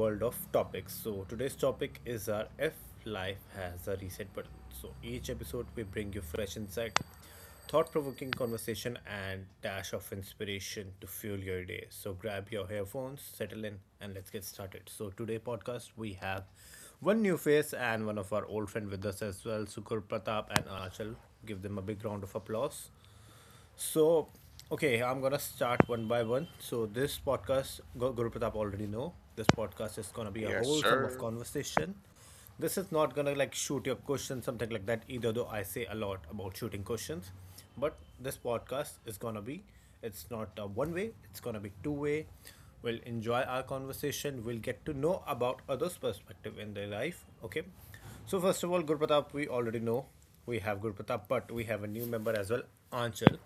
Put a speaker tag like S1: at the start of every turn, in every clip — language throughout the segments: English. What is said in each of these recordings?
S1: world of topics. So, today's topic is our If Life Has a Reset Button. So, each episode we bring you fresh insight, thought provoking conversation, and dash of inspiration to fuel your day. So grab your earphones, settle in, and let's get started. So today podcast we have one new face and one of our old friend with us as well, Sukur Pratap and Achal. Give them a big round of applause. So, okay, I'm gonna start one by one. So this podcast, Guru Pratap already know. This podcast is gonna be a
S2: Yes,
S1: whole sum of
S2: sir.
S1: conversation. This is not gonna like shoot your question, something like that. Either though I say a lot about shooting questions, but this podcast is gonna be, it's not a one way. It's gonna be two way. We'll enjoy our conversation. We'll get to know about others' perspective in their life. Okay. So first of all, Guru Pratap, we already know we have Guru Pratap, but we have a new member as well, Anchal.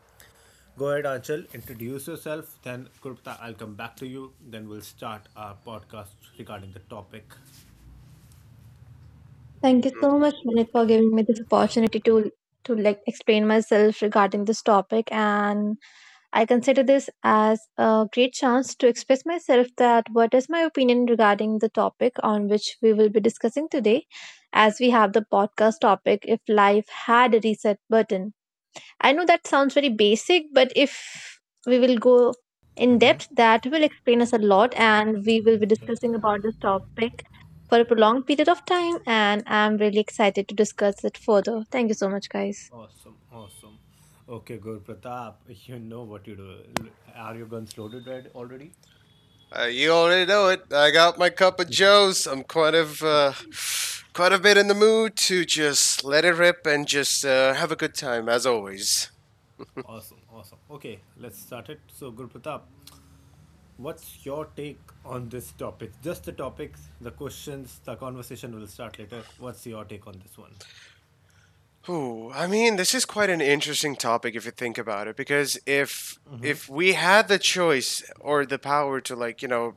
S1: Go ahead, Anshul, introduce yourself, then Krupta, I'll come back to you, then we'll start our podcast regarding the topic.
S3: Thank you so
S2: Mhm.
S3: much, Manit, for giving me this opportunity to like explain myself regarding this topic. And I consider this as a great chance to express myself that what is my opinion regarding the topic on which we will be discussing today, as we have the podcast topic if life had a reset button. I know that sounds very basic, but if we will go in depth, that will explain us a lot, and we will be
S1: Okay.
S3: discussing about this topic for a prolonged period of time. And I'm really excited to discuss it further. Thank you so much, guys.
S1: Awesome, awesome. Okay, good, Pratap. You know what you do. Are your guns loaded red already?
S2: You already know it. I got my cup of Joe's. I'm quite of quite a bit in the mood to just let it rip and just have a good time as always.
S1: Awesome, awesome. Okay, let's start it. So, Guru Pratap, what's your take on this topic? Just the topics, the questions, the conversation will start later. What's your take on this one?
S2: Ooh, I mean, this is quite an interesting topic if you think about it, because if we had the choice or the power to like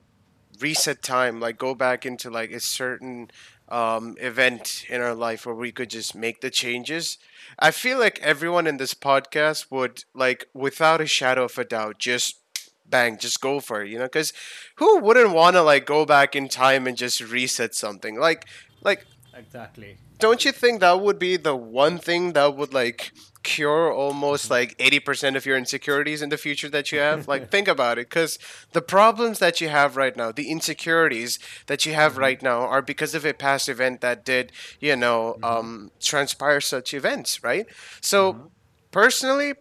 S2: reset time, like go back into like a certain event in our life where we could just make the changes. I feel like everyone in this podcast would like, without a shadow of a doubt, just bang, just go for it, you know? Because who wouldn't want to like go back in time and just reset something? Like,
S1: Exactly.
S2: don't you think that would be the one thing that would like cure almost like 80% of your insecurities in the future that you have? Like, think about it, because the problems that you have right now, the insecurities that you have right now, are because of a past event that did transpire such events, right? So personally,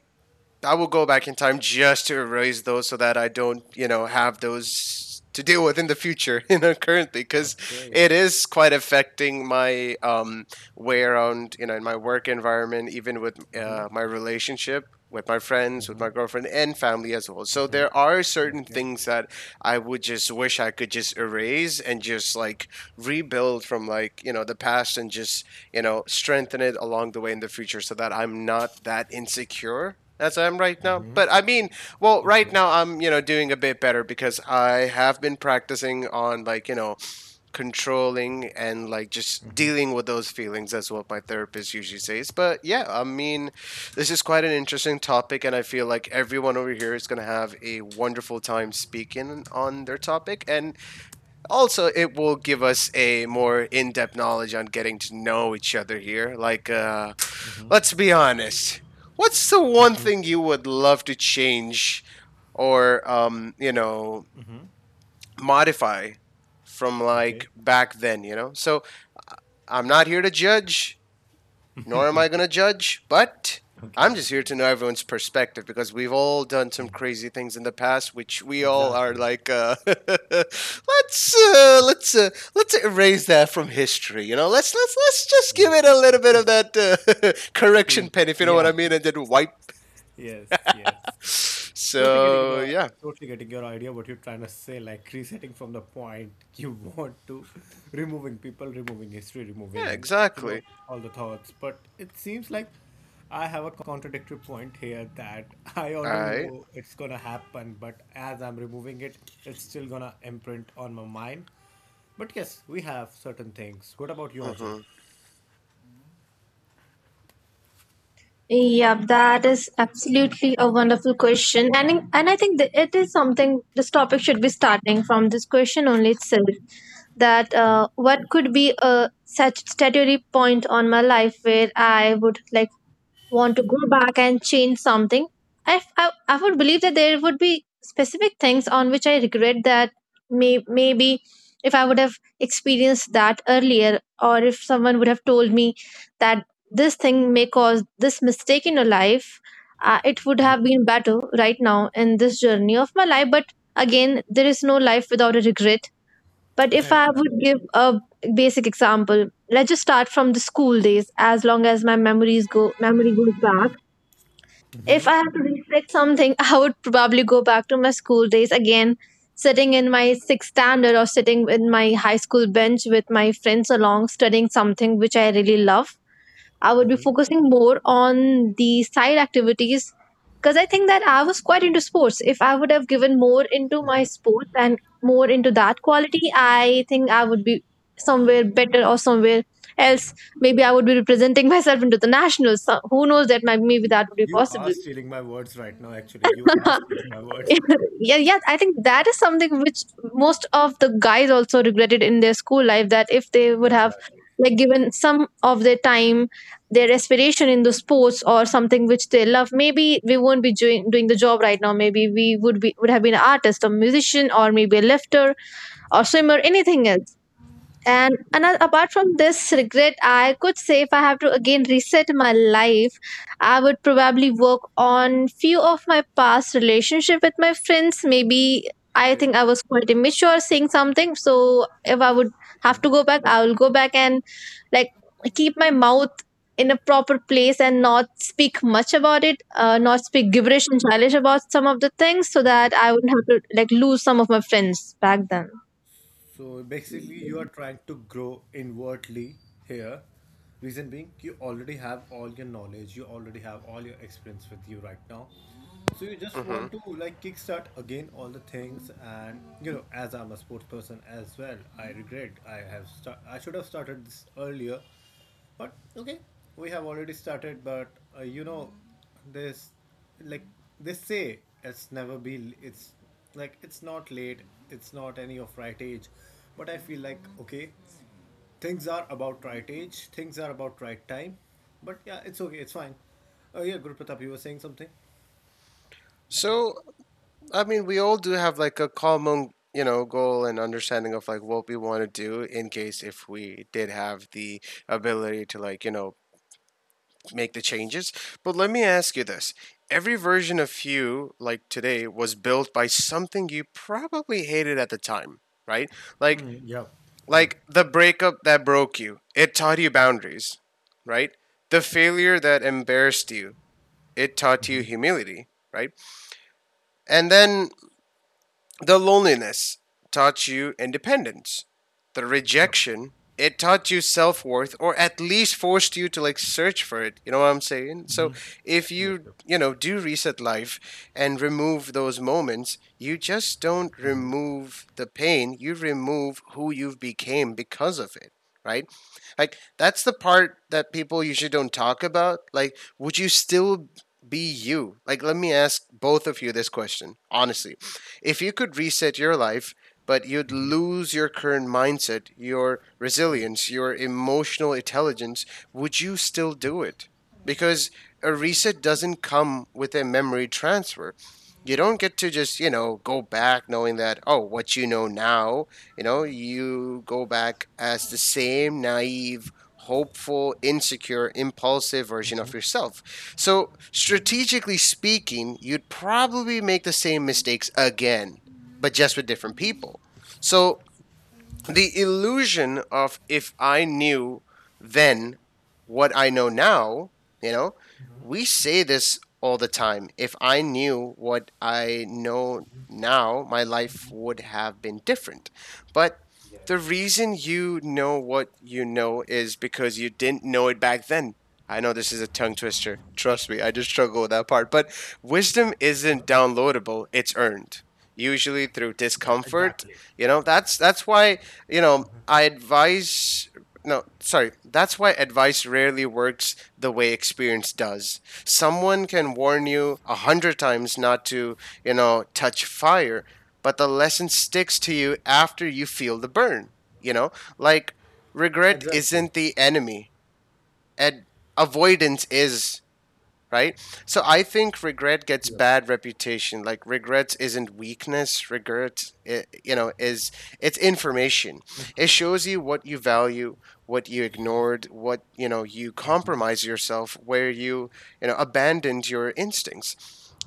S2: I will go back in time just to erase those so that I don't have those to deal with in the future, currently, because
S1: Okay.
S2: it is quite affecting my way around, in my work environment, even with my relationship with my friends, with
S1: Mm-hmm.
S2: my girlfriend, and family as well. So there are certain
S1: Okay.
S2: things that I would just wish I could just erase and just like rebuild from like, the past, and just strengthen it along the way in the future so that I'm not that insecure as I am right now.
S1: Mm-hmm.
S2: But I mean, well, right
S1: Okay.
S2: now I'm, doing a bit better because I have been practicing on like, controlling and like just dealing with those feelings as what my therapist usually says. But yeah, I mean, this is quite an interesting topic and I feel like everyone over here is going to have a wonderful time speaking on their topic, and also, it will give us a more in-depth knowledge on getting to know each other here. Like, let's be honest. What's the one thing you would love to change, or modify from like
S1: Okay.
S2: back then? You know. So I'm not here to judge nor am I going to judge, but
S1: Okay,
S2: I'm just here to know everyone's perspective, because we've all done some crazy things in the past, which we all are
S1: exactly.
S2: like, let's erase that from history. You know, let's just
S1: Yeah.
S2: give it a little bit of that uh, correction
S1: We,
S2: pen, if you know what I
S1: Yeah,
S2: mean, and then wipe.
S1: yes, yes. Totally getting
S2: So
S1: your
S2: yeah,
S1: totally getting your idea what you're trying to say, like resetting from the point you want to, removing people, removing history,
S2: yeah,
S1: removing, you know,
S2: exactly.
S1: all the thoughts. But it seems like I have a contradictory point here that I
S2: All
S1: already
S2: right.
S1: know it's gonna happen, but as I'm removing it, it's still gonna imprint on my mind. But yes, we have certain things. What about you, Anjal?
S2: Mm-hmm.
S3: Yeah, that is absolutely a wonderful question, and I think that it is something this topic should be starting from this question only itself. That what could be a such statutory point on my life where I would like want to go back and change something. I would believe that there would be specific things on which I regret, that maybe if I would have experienced that earlier, or if someone would have told me that this thing may cause this mistake in your life, it would have been better right now in this journey of my life. But again, there is no life without a regret. But if I would give a basic example, let's just start from the school days. As long as my memories go memory goes back, if I had to reflect something, I would probably go back to my school days again, sitting in my sixth standard or sitting in my high school bench with my friends along, studying something which I really love. I would be focusing more on the side activities because I think that I was quite into sports. If I would have given more into my sports and more into that quality, I think I would be somewhere better or somewhere else. Maybe I would be representing myself into the nationals. So who knows, that maybe that would be
S1: You are
S3: possible.
S1: stealing my words right now, actually. You are stealing my words.
S3: Yeah, yeah, I think that is something which most of the guys also regretted in their school life, that if they would have
S1: Exactly.
S3: like given some of their time, their aspiration in the sports or something which they love, maybe we won't be doing the job right now. Maybe we would have been an artist, a musician, or maybe a lifter or swimmer,
S1: Exactly.
S3: anything else. And another,
S1: Yep.
S3: apart from this regret, I could say if I have to again reset my life, I would probably work on few of my past relationship with my friends. Maybe I
S1: Okay.
S3: think I was quite immature saying something. So if I would have to go back, I will go back and like keep my mouth in a proper place and not speak much about it, not speak gibberish and childish about some of the things, so
S1: Okay.
S3: that I wouldn't have to like lose some of my friends back then.
S1: So basically, you are trying to grow inwardly here. Reason being, you already have all your knowledge, you already have all your experience with you right now. So you just
S2: Mm-hmm.
S1: want to like kickstart again all the things, and you know, as I'm a sports person as well, I should have started this earlier, but okay, we have already started, but uh, you know, this like they say it's never be it's like it's not late, it's not any of right age, but I feel like okay, things are about right age, things are about right time, but yeah, it's okay, it's fine. Oh yeah, Guru Pratap, you were saying something?
S2: So I mean, we all do have like a common, goal and understanding of like what we want to do in case if we did have the ability to like, make the changes. But let me ask you this. Every version of you, like today, was built by something you probably hated at the time, right? Like
S1: Mm, yep, yep,
S2: like the breakup that broke you. It taught you boundaries, right? The failure that embarrassed you. It taught you humility, right? And then the loneliness taught you independence. The
S1: yep,
S2: rejection, it taught you self worth, or at least forced you to like search for it. You know what I'm saying? So if
S1: yep,
S2: you,
S1: yep.
S2: do reset life and remove those moments, you just don't remove the pain, you remove who you've became because of it, right? Like that's the part that people usually don't talk about. Like, would you still be you? Like, let me ask both of you this question, honestly, if you could reset your life, but you'd lose your current mindset, your
S1: Oh,
S2: resilience, your emotional intelligence, would you still do it? Because a reset doesn't come with a memory transfer. You don't get to just, go back knowing that, oh, what you know now, you go back as the same naive, hopeful, insecure, impulsive version
S1: Mhm.
S2: of yourself. So, strategically speaking, you'd probably make the same mistakes again, but just with different people. So, the illusion of if I knew then what I know now, you know, we say this all the time. If I knew what I know now, my life would have been different. But the reason you know what you know is because you didn't know it back then. I know this is a tongue twister. Trust me, I just struggle with that part. But wisdom isn't downloadable, it's earned. Usually through discomfort.
S1: Exactly.
S2: You know, that's why I advise. No, sorry. That's why advice rarely works the way experience does. Someone can warn you
S1: Yes.
S2: a hundred times not to, touch fire, but the lesson sticks to you after you feel the burn. You know, like regret
S1: Exactly.
S2: isn't the enemy, and avoidance is, right? So I think regret gets
S1: Yep.
S2: bad reputation. Like regret isn't weakness. Regret, is it's information. It shows you what you value, what you ignored, what you know you compromise yourself, where you know abandoned your instincts.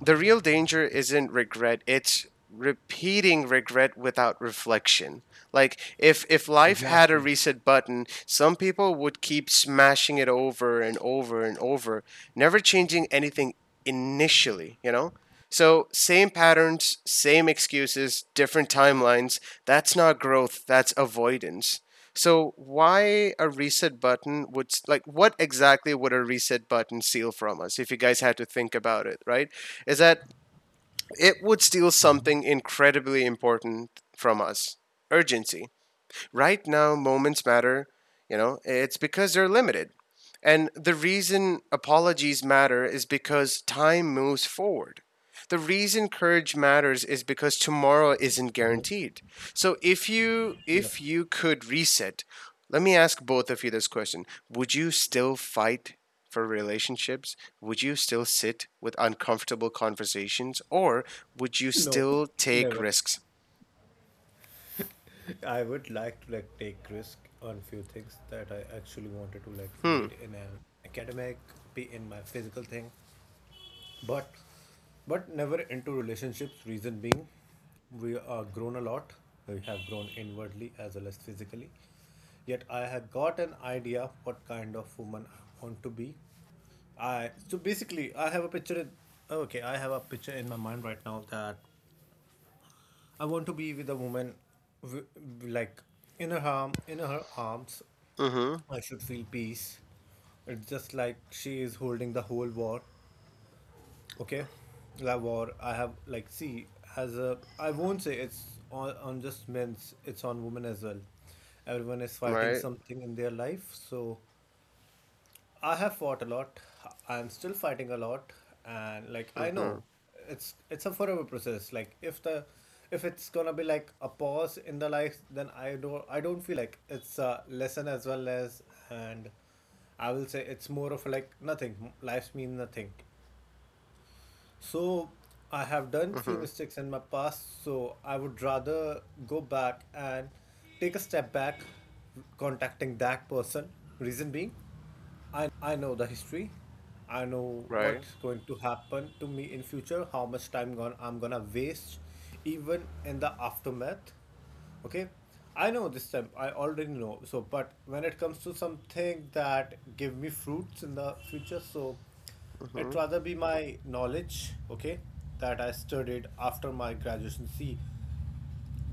S2: The real danger isn't regret. It's repeating regret without reflection. Like if life had a
S1: Exactly.
S2: reset button, some people would keep smashing it over and over and over, never changing anything initially, you know? So, same patterns, same excuses, different timelines. That's not growth, that's avoidance. So, why a reset button would, like, what exactly would a reset button steal from us if you guys had to think about it, right? Is that it would steal something incredibly important from us, urgency. Right now, moments matter. You know, it's because they're limited. And the reason apologies matter is because time moves forward. The reason courage matters is because tomorrow isn't guaranteed. So if you
S1: Yep.
S2: if you could reset, let me ask both of you this question. Would you still fight for relationships? Would you still sit with uncomfortable conversations, or would you
S1: No,
S2: still take
S1: never.
S2: risks?
S1: I would like to like take risk on few things that I actually wanted to like be
S2: Hmm.
S1: it in an academic, be in my physical thing, but but never into relationships. Reason being, we are grown a lot. We have grown inwardly as well as physically. Yet I have got an idea what kind of woman I want to be. I so basically I have a picture. Okay, I have a picture in my mind right now that I want to be with a woman, w- like in her arms.
S2: Mhm.
S1: I should feel peace. It's just like she is holding the whole war. Okay, la war. I have like see as a. I won't say it's on just men's. It's on women as well. Everyone is fighting
S2: Right?
S1: something in their life, so I have fought a lot. I'm still fighting a lot, and like I
S2: Mhm.
S1: know, it's a forever process. Like if it's gonna be like a pause in the life, then I don't feel like it's a lesson as well as and I will say it's more of like nothing. Lives mean nothing, so I have done few
S2: Mm-hmm.
S1: mistakes in my past, so I would rather go back and take a step back contacting that person. Reason being, I know the history. I know
S2: Right?
S1: what's going to happen to me in future, how much time gone I'm gonna waste even in the aftermath. Okay? I know this time, I already know. So but when it comes to something that give me fruits in the future, so it
S2: Mm-hmm.
S1: rather be my knowledge, okay, that I studied after my graduation. See,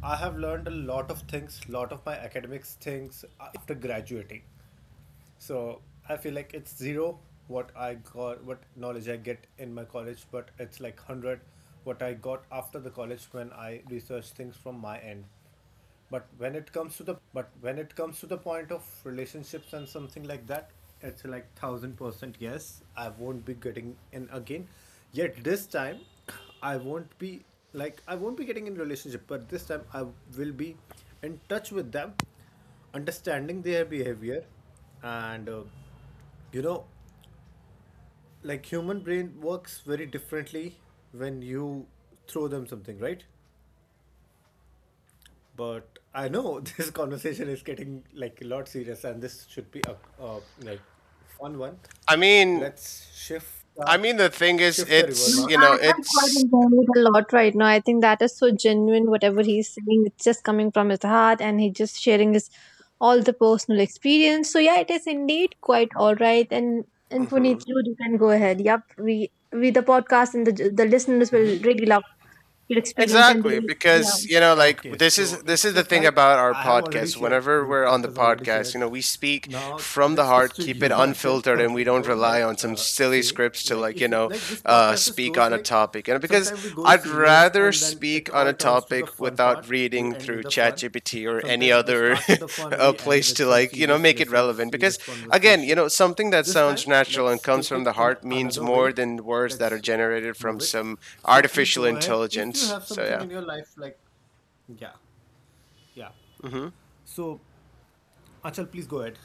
S1: I have learned a lot of things, lot of my academics things after graduating. So I feel like it's zero what I got, what knowledge I get in my college, but it's like 100 what I got after the college when I research things from my end. But when it comes to the point of relationships and something like that, it's like 1,000% yes, I won't be getting in again. Yet this time, I won't be I won't be getting in relationship, but this time I will be in touch with them, understanding their behavior, and you know, like human brain works very differently when you throw them something, right? But I know this conversation is getting like a lot serious, and this should be a like fun one.
S2: I mean,
S1: Let's shift the
S2: the thing is,
S1: shift the river
S3: No,
S2: it's,
S1: now.
S3: I am quite
S2: it's,
S3: enjoying it a lot right now. I think that is so genuine, whatever he's saying. It's just coming from his heart and he's just sharing his all the personal experience. So yeah, it is indeed quite all right. And
S2: mhm.
S3: Puneet, you can go ahead. Yep, we the podcast and the listeners will really love your experience, and they
S2: Exactly,
S3: will,
S2: because
S3: yeah.
S2: like,
S1: Okay,
S2: this
S1: so
S2: is this
S1: it's
S2: is the
S1: just
S2: thing
S1: like
S2: about our
S1: I have already
S2: podcast.
S1: shared,
S2: Whenever
S1: Guru
S2: we're on the
S1: has already
S2: podcast,
S1: shared.
S2: we speak
S1: Now
S2: from the
S1: this comes
S2: heart,
S1: to
S2: keep
S1: you,
S2: it
S1: Anchal.
S2: unfiltered, and
S1: Okay,
S2: we don't
S1: go
S2: rely
S1: ahead.
S2: on some silly
S1: Say
S2: scripts to
S1: like
S2: like
S1: if you like this podcast just
S2: speak
S1: goes
S2: on a
S1: like
S2: topic. And because
S1: sometimes we go
S2: I'd
S1: serious
S2: rather
S1: and then it
S2: speak on
S1: all
S2: a
S1: turns to the
S2: topic
S1: fun
S2: without
S1: part. We
S2: reading
S1: end with
S2: through
S1: the fun.
S2: ChatGPT or any
S1: Sometimes we
S2: other
S1: start with the fun, we end
S2: place
S1: with
S2: to
S1: some
S2: like
S1: serious
S2: make it
S1: lessons,
S2: relevant. Because
S1: serious
S2: again,
S1: conversation.
S2: something that
S1: This time,
S2: sounds natural and
S1: let's
S2: comes
S1: take
S2: from
S1: it
S2: the
S1: in
S2: heart means
S1: another
S2: more
S1: way.
S2: than words that are
S1: Let's
S2: generated from
S1: move it.
S2: some
S1: So please
S2: artificial
S1: go ahead. If you
S2: intelligence.
S1: have
S2: So
S1: something
S2: yeah.
S1: in your life like yeah, yeah.
S2: Hmm.
S1: So, Achal, please go ahead.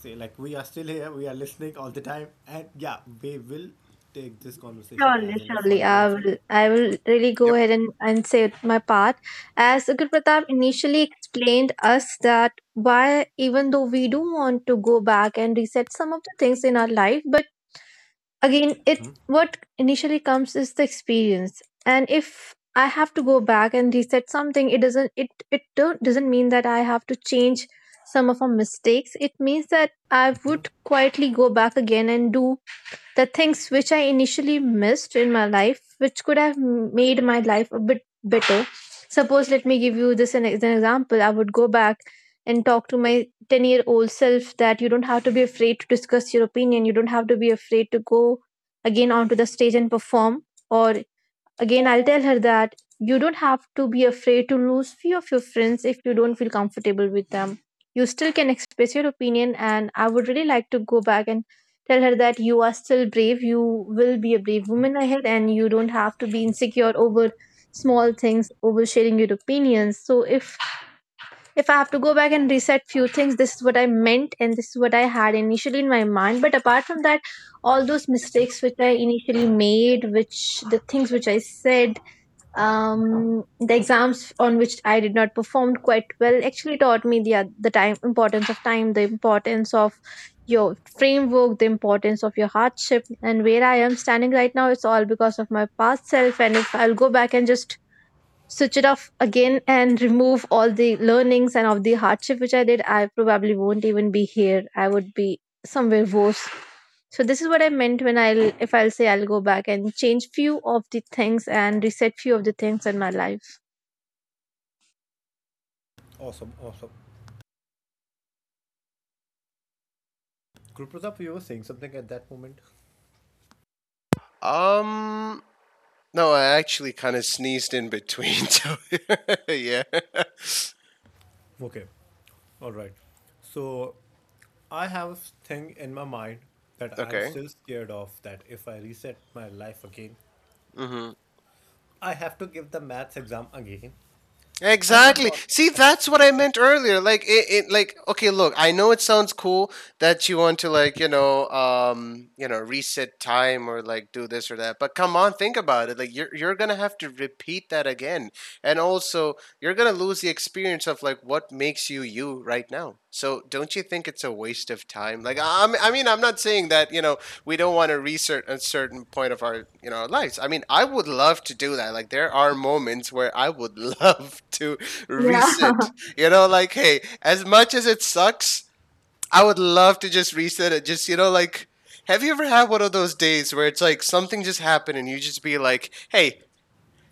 S1: Say, like, we are still here, we are listening all the time, and yeah, we will take this conversation
S3: Surely,
S1: as in a
S3: surely,
S1: fun way
S3: I
S1: as well.
S3: will. I will
S1: But
S3: really go
S2: Yep.
S3: ahead and say my part. As Ukir Pratap initially explained us, that why, even though we do want to go back and reset some of the things in our life, but again, it what initially comes is the experience. And if I have to go back and reset something, it doesn't. It don't, doesn't mean that I have to change some of our mistakes. It means that I would quietly go back again and do the things which I initially missed in my life, which could have made my life a bit better. Suppose, let me give you this as an example. I would go back and talk to my 10-year-old year old self, that you don't have to be afraid to discuss your opinion, you don't have to be afraid to go again onto the stage and perform, or again, I'll tell her that you don't have to be afraid to lose few of your friends if you don't feel comfortable with them. You still can express your opinion, and I would really like to go back and tell her that you are still brave. You will be a brave woman ahead, and you don't have to be insecure over small things, over sharing your opinions. So if I have to go back and reset few things, this is what I meant, and this is what I had initially in my mind. But apart from that, all those mistakes which I initially made, which the things which I said, the exams on which I did not perform quite well, actually taught me the the time importance of time, the importance of your framework, the importance of your hardship, and where I am standing right now, it's all because of my past self. And if I'll go back and just switch it off again and remove all the learnings and of the hardship which I did, I probably won't even be here, I would be somewhere worse. So this is what I meant when I'll if I'll say I'll go back and change few of the things and reset few of the things in my life.
S1: awesome, awesome. Group Pratap, you were saying something at that moment.
S2: Um. No, I actually kind of sneezed in between. So yeah.
S1: Okay. All right. So I have a thing in my mind that I'm
S2: Okay.
S1: still scared of that if I reset my life again,
S2: Hmm.
S1: I have to give the maths exam again. And I'm
S2: Exactly.
S1: not
S2: See, that's what I meant
S1: exactly.
S2: earlier. Like it like okay, look, I know it sounds cool that you want to like, reset time or like do this or that. But come on, think about it. Like you're going to have to repeat that again. And also, you're going to lose the experience of like what makes you you right now. So, don't you think it's a waste of time? Like I mean, I'm not saying that, we don't want to research a certain point of our you know our lives. I mean, I would love to do that. Like, there are moments where I would love to reset like, hey, as much as it sucks, I would love to just reset it just like, have you ever had one of those days where it's like something just happened and you just be like, hey,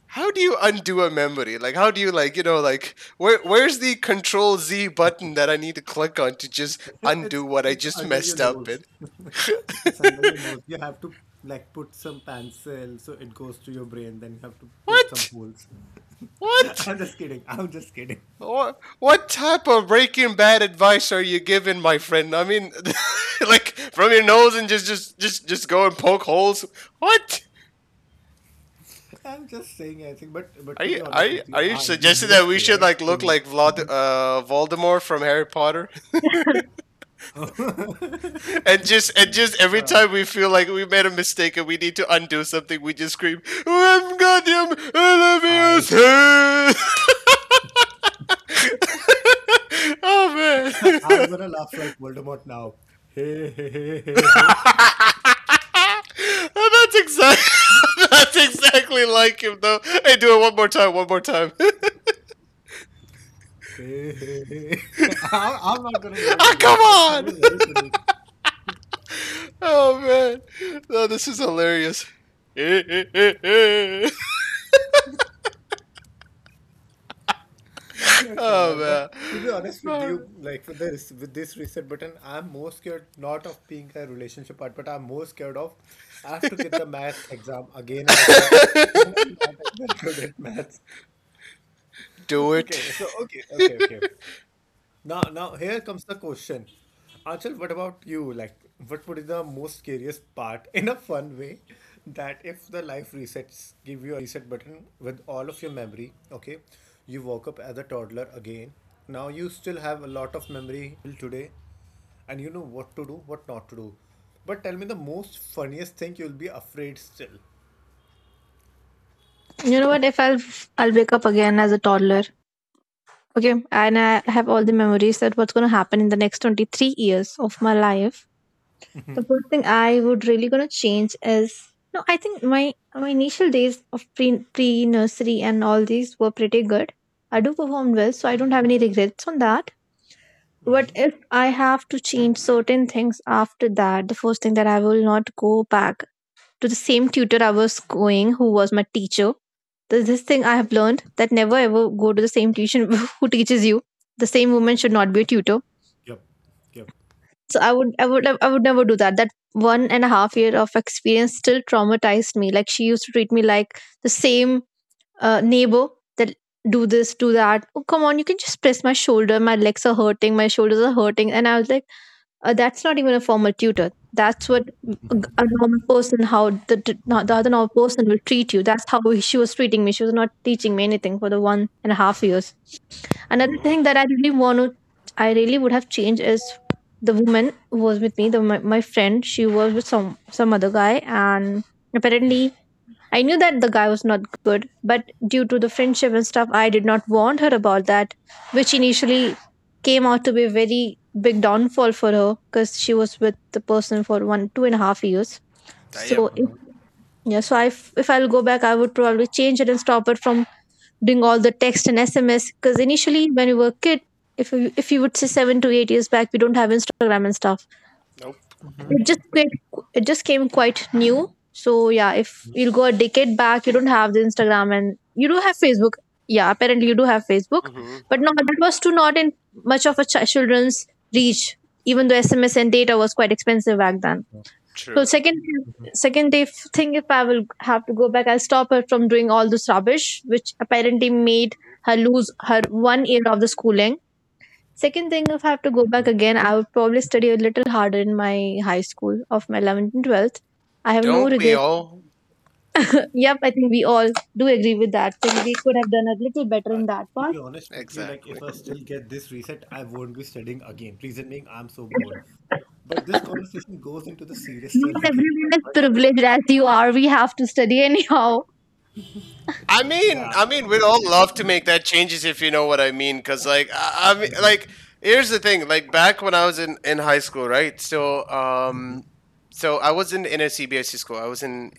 S2: how do you undo a memory? Like, how do you, like, like, where's the control z button that I need to click on to just undo
S1: It's
S2: what I
S1: it's
S2: just
S1: under your
S2: messed up in?
S1: nose. It's under your nose. You have to like put some pencil so it goes to your brain, then you have to poke some
S2: what
S1: holes.
S2: What?
S1: I'm just kidding. I'm just kidding.
S2: What type of Breaking Bad advice are you giving, my friend? I mean, like from your nose and just go and poke holes. What?
S1: I'm just saying anything, but
S2: Are
S1: to
S2: you
S1: be
S2: are
S1: honest
S2: you,
S1: with you,
S2: are you
S1: I'm the
S2: suggesting
S1: most
S2: that we should
S1: scared
S2: like look
S1: to
S2: like Voldemort from Harry Potter,
S1: uh,
S2: and just every time we feel like we made a mistake and we need to undo something, we just scream, "I'm goddamn,
S1: I
S2: I love you," Oh man.
S1: I'm gonna laugh like Voldemort now. Hey hey hey hey hey hey
S2: that's exactly that's exactly like him though. Hey, do it one more time, one more time.
S1: hey hey. Hey. I'm not gonna do it
S2: Ah, come
S1: again. It's gonna be
S2: on!
S1: very funny.
S2: Oh man, no, this is hilarious. Oh
S1: That's all right. But
S2: man,
S1: to be honest with you, like with this reset button, I'm more scared not of being a relationship part, but I'm more scared of I have to get the math exam again and again, and I'm not very good at maths.
S2: do it.
S1: Okay, so okay, okay, okay. Now, here comes the question. Achal, what about you? Like, what would be the most scariest part in a fun way that if the life resets, give you a reset button with all of your memory, okay? You woke up as a toddler again. Now you still have a lot of memory till today, and you know what to do, what not to do. But tell me the most funniest thing you'll be afraid still.
S3: You know what? If I'll wake up again as a toddler, okay, and I have all the memories that what's gonna happen in the next 23 years of my life. The first thing I would really gonna change is, no, I think my initial days of pre nursery and all these were pretty good. I do performed well, so I don't have any regrets on that. What if I have to change certain things after that? The first thing, that I will not go back to the same tutor I was going, who was my teacher. There's this thing I have learned, that never ever go to the same tuition who teaches you. The same woman should not be a tutor.
S1: Yep. Yep.
S3: So I would never do that. That one and a half year of experience still traumatized me. Like she used to treat me like the same neighbor, that do this, do that. Oh, come on, you can just press my shoulder. My legs are hurting. My shoulders are hurting, and I was like, that's not even a formal tutor. That's what a normal person, how the, t- no- the other normal person will treat you. That's how she was treating me. She was not teaching me anything for the one and a half years. Another
S1: Oh.
S3: thing that I really would have changed is the woman who was with me, my friend. She was with some other guy, and apparently I knew that the guy was not good, but due to the friendship and stuff, I did not warn her about that, which initially came out to be a very big downfall for her, because she was with the person for one two and a half years.
S2: Damn.
S3: So if yeah, so if I'll go back, I would probably change it and stop it from doing all the text and SMS, because initially when we were kid, if you would say 7 to 8 years back, we don't have Instagram and stuff,
S2: Nope.
S3: it just quite, it just came quite new. So yeah, if you'll go a decade back, you don't have the Instagram, and you do have Facebook. Yeah, apparently you do have Facebook,
S2: Mm-hmm.
S3: but no, that was too not in much of children's reach. Even though SMS and data was quite expensive back then. So
S2: True.
S3: second second day thing, if I will have to go back, I'll stop her from doing all this rubbish, which apparently made her lose her one year of the schooling. Second thing, if I have to go back again, I would probably study a little harder in my high school of my 11th and 12th. I have no
S2: Don't we
S3: regret.
S2: all?
S3: Yep, I think we all do agree with that. Think we could have done a little better
S1: Uh,
S3: in that
S1: to
S3: part.
S1: be honest with you, like if
S2: Exactly.
S1: I still get this reset, I won't be studying again. Reason being, I'm so bored. But this conversation goes into the serious tone
S3: Not
S1: again.
S3: everyone
S1: But,
S3: is
S1: but let's-
S3: privileged as you are. We have to study anyhow.
S2: I mean,
S1: yeah,
S2: I mean, we'd
S1: okay.
S2: all love to make that changes if you know what I mean. Cause like, I mean,
S1: hmm
S2: like, here's the thing. Like back when I was in high school, right? So,
S1: hmm
S2: um, so I was in a CBSE school. I was in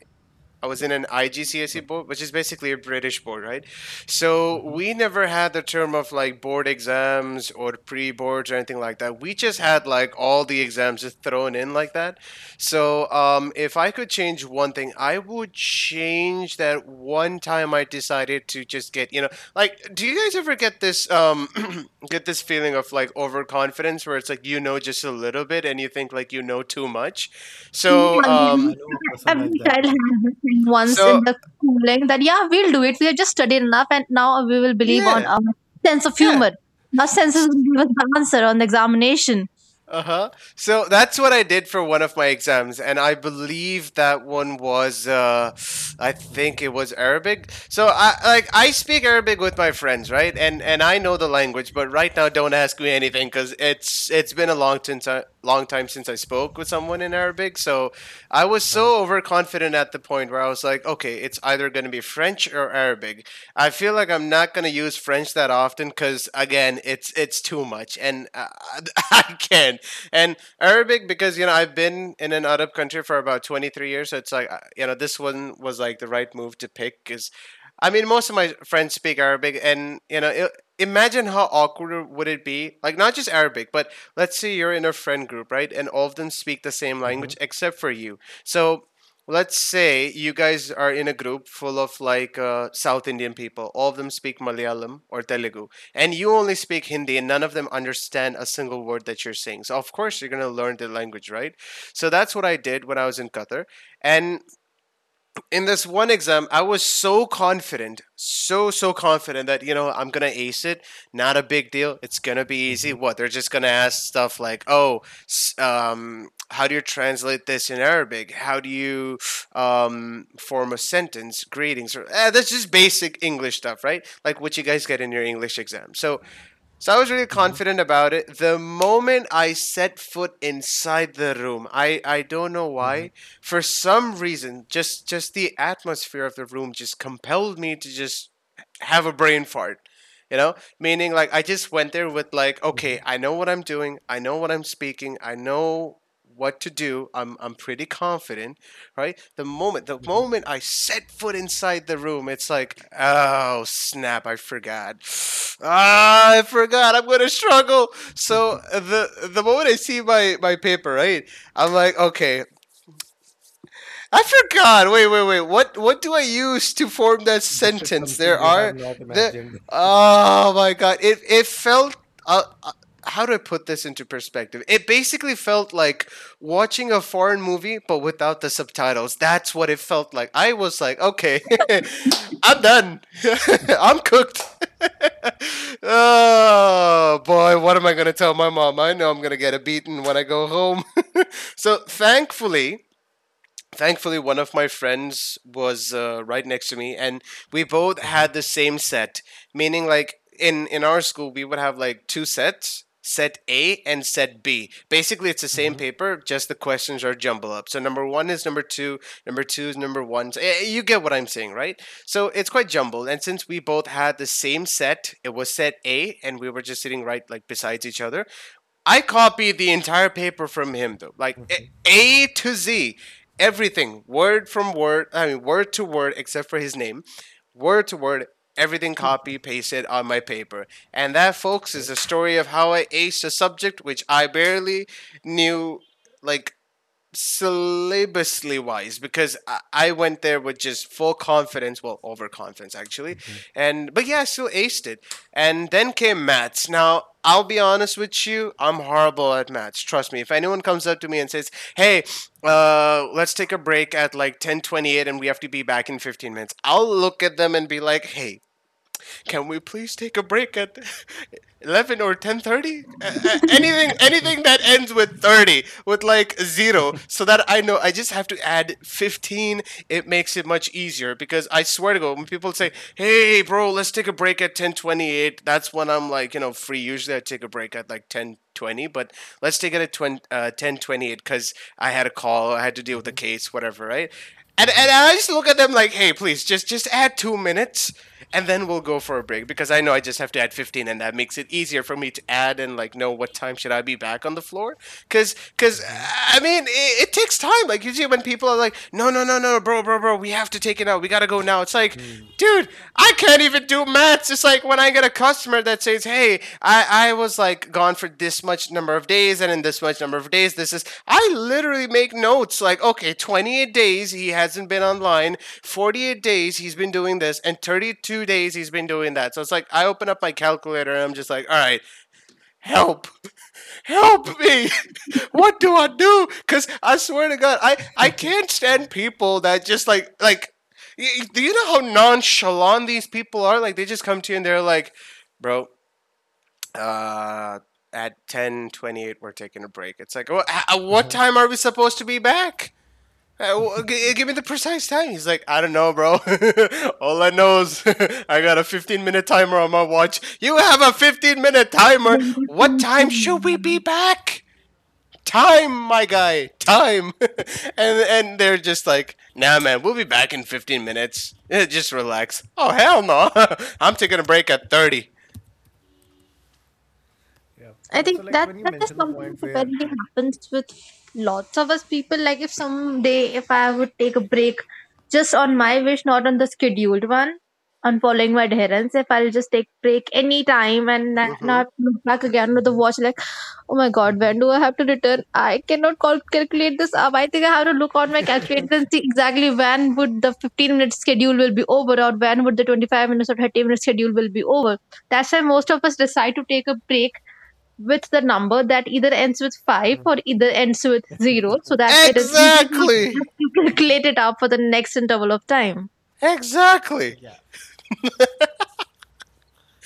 S2: I was in an IGCSE board, which is basically a British board, right? So
S1: hmm
S2: we never had the term of like board exams or pre boards or anything like that. We just had like all the exams just thrown in like that. So if I could change one thing, I would change that one time I decided to just get, like, do you guys ever get this get this feeling of like overconfidence where it's like you know just a little bit and you think like you know too much? So
S3: Yeah,
S1: I
S2: um,
S1: know a person
S3: every
S1: like that
S3: child
S1: one.
S3: has this thing once in
S2: so
S3: the schooling, that yeah, we'll do it. We have just studied enough, and now we will believe on
S2: yeah.
S3: our sense of
S2: Yeah.
S3: humor. Our senses will give us the answer on the examination.
S2: Uh huh. So that's what I did for one of my exams, and I believe that one was, I think it was Arabic. So I like I speak Arabic with my friends, right? And I know the language, but right now don't ask me anything because it's been a long time since I spoke with someone in Arabic. So I was so overconfident at the point where I was like, okay, it's either going to be French or Arabic. I feel like I'm not gonna use French that often because again, it's too much, and I can't. And Arabic because I've been in an Arab country for about 23 years, so it's like this one was like the right move to pick because I mean most of my friends speak Arabic, and you know. Imagine how awkward would it be, like not just Arabic, but let's say you're in a friend group, right? And all of them speak the same language except for you. So let's say you guys are in a group full of like South Indian people. All of them speak Malayalam or Telugu, and you only speak Hindi, and none of them understand a single word that you're saying. So of course you're gonna learn the language, right? So that's what I did when I was in Qatar, and in this one exam, I was so confident, so confident that I'm gonna ace it. Not a big deal. It's gonna be easy. What they're just gonna ask stuff like, oh, how do you translate this in Arabic? How do you form a sentence? Greetings. Or, that's just basic English stuff, right? Like what you guys get in your English exam. So I was really
S1: hmm
S2: confident about it. The moment I set foot inside the room, I don't know
S1: hmm
S2: why, for some reason, just the atmosphere of the room just compelled me to just have a brain fart. You know, meaning like I just went there with like,
S1: hmm
S2: okay, I know what I'm doing, I know what I'm speaking, I know what to do. I'm pretty confident, right? The moment the
S1: hmm
S2: moment I set foot inside the room, it's like, oh snap, I forgot. I forgot. I'm gonna struggle. So the moment I see my paper, right? I'm like, okay, I forgot. Wait, wait, wait. What do I use to form that
S1: This is
S2: sentence?
S1: something
S2: There
S1: you have
S2: are
S1: not
S2: the
S1: imagined.
S2: Oh my god. It felt uh, uh, how do I put this into perspective? It basically felt like watching a foreign movie but without the subtitles. That's what it felt like. I was like, okay, I'm done. I'm cooked. Oh boy, what am I gonna tell my mom? I know I'm gonna get a beaten when I go home. So thankfully, one of my friends was right next to me, and we both
S1: Hmm
S2: had the
S1: hmm.
S2: same set, meaning like in our school we would have like two sets, set A and set B. Basically, it's the same
S1: Okay.
S2: paper, just the questions are jumble up. So number one is number two, number two is number one. So, you get what I'm saying, right? So it's quite jumbled, and since we both had the same set, it was set A, and we were just sitting right like besides each other. I copied the entire paper from him though, like A- to Z, everything, word from word. I mean, word to word, except for his name, word to word. Everything copy pasted on my paper, and that, folks, is the story of how I aced a subject which I barely knew, like syllabously wise, because I went there with just full confidence, well, overconfidence actually. And but yeah, I still aced it, and then came maths. Now I'll be honest with you, I'm horrible at maths. Trust me, if anyone comes up to me and says, hey, let's take a break at like 10:28 and we have to be back in 15 minutes, I'll look at them and be like, hey, can we please take a break at 11 or 10:30? Anything, anything that ends with 30, with like zero, so that I know I just have to add 15. It makes it much easier because I swear to God, when people say, "Hey, bro, let's take a break at 10:28," that's when I'm like, free. Usually, I take a break at like ten 20, but let's take it at 10 28, because I had a call, I had to deal with a case, whatever, right? And I just look at them like, hey, please, just add 2 minutes, and then we'll go for a break because I know I just have to add 15, and that makes it easier for me to add and like know what time should I be back on the floor. Because I mean, it takes time. Like usually when people are like, no, no, no, no, bro, bro, bro, we have to take it out. We gotta go now. It's like, dude, I can't even do maths. It's like when I get a customer that says, "Hey, I was like gone for this much number of days, and in this much number of days, this is." I literally make notes like, okay, 28 days he hasn't been online, 48 days he's been doing this, and 32 days he's been doing that. So it's like I open up my calculator and I'm just like, all right, help. Help me. What do I do? Because I swear to God, I can't stand people that just like like y-, do you know how nonchalant these people are? Like, they just come to you and they're like, bro, uh at 10:28, we're taking a break. It's like, What time are we supposed to be back? Give me the precise time." He's like, I don't know, bro. All I know is I got a 15-minute timer on my watch. You have a 15-minute timer,
S3: Thank
S2: what
S3: you so
S2: time should we be
S3: much.
S2: back? Time, my
S1: Yep.
S2: guy,
S1: Yep.
S2: time. And they're just like, nah, man, we'll be back in 15 minutes. Just relax. Oh, hell no. I'm taking a break at 30.
S1: Yeah.
S3: I
S1: So,
S3: think
S1: like
S3: that
S1: when you
S3: that is
S1: mentioned the
S3: something
S1: point
S3: that
S1: where,
S3: apparently
S1: like,
S3: happens with lots of us people. Like if someday if I would take a break just on my wish, not on the scheduled one, on following my adherence, if I'll just take break any time and now I
S2: Mm-hmm.
S3: have to look back again with the watch like, oh my god,
S1: Mhm,
S3: when do I have to return? I cannot calculate this up. I think I have to look on my calculator and see exactly when would the 15-minute schedule will be over or when would the 25 minutes or 30-minute schedule will be over. That's why most of us decide to take a break with the number that either ends with 5 or either ends with 0 so that it is easy for us
S2: Exactly.
S3: to calculate it out for the next interval of time.
S2: Exactly.
S1: yeah,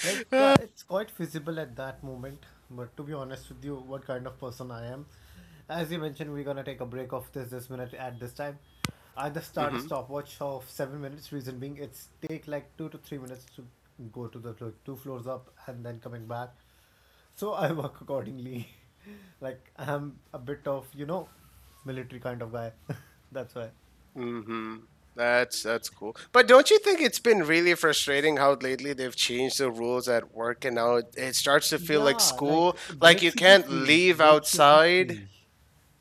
S1: like, yeah, it's quite feasible at that moment. But to be honest with you, what kind of person I am, as you mentioned, we're gonna take a break of this minute at this time. I just start a
S2: Mm-hmm.
S1: stopwatch of 7 minutes. Reason being, it's take like 2 to 3 minutes to go to the like, two floors up and then coming back. So I work accordingly. Like I'm a bit of military kind of guy. That's why.
S2: hmm that's cool. But don't you think it's been really frustrating how lately they've changed the rules at work, and now it starts to feel like
S1: Yeah, like
S2: school? Like
S1: break
S2: you
S1: should be
S2: can't
S1: free.
S2: leave
S1: Break should be
S2: outside.
S1: free.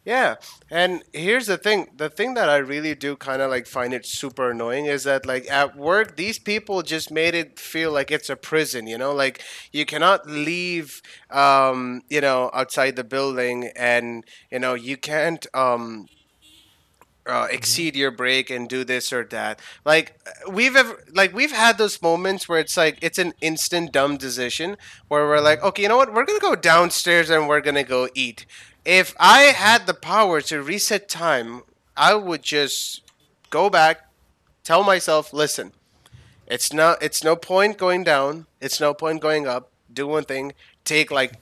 S2: Yeah. And here's the thing that I really do kind of like find it super annoying is that, like, at work, these people just made it feel like it's a prison, you know? Like, you cannot leave, outside the building, and you can't,
S1: Hmm
S2: exceed your break and do this or that. Like like we've had those moments where it's like it's an instant dumb decision where we're like, okay, you know what? We're gonna go downstairs and we're gonna go eat. If I
S1: hmm.
S2: had the power to reset time, I would just go back, tell myself, listen, it's no point going down. It's no point going up. Do one thing. Take like,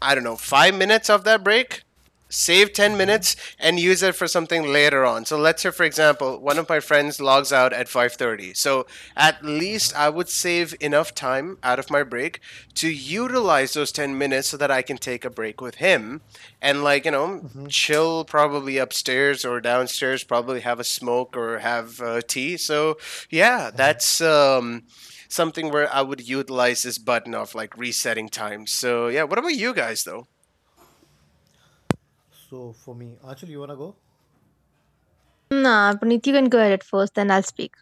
S2: I don't know, 5 minutes of that break, save 10
S1: Uh-huh.
S2: minutes, and use it for something later on. So let's say, for example, one of my friends logs out at 5:30. So at
S1: Uh-huh.
S2: least I would save enough time out of my break to utilize those 10 minutes so that I can take a break with him and like, chill probably upstairs or downstairs, probably have a smoke or have tea. So yeah,
S1: Uh-huh.
S2: that's something where I would utilize this button of like resetting time. So yeah, what about you guys though?
S1: So for me, Anshul, you wanna go?
S3: Nah, Puneet, you can go ahead at first, then I'll speak.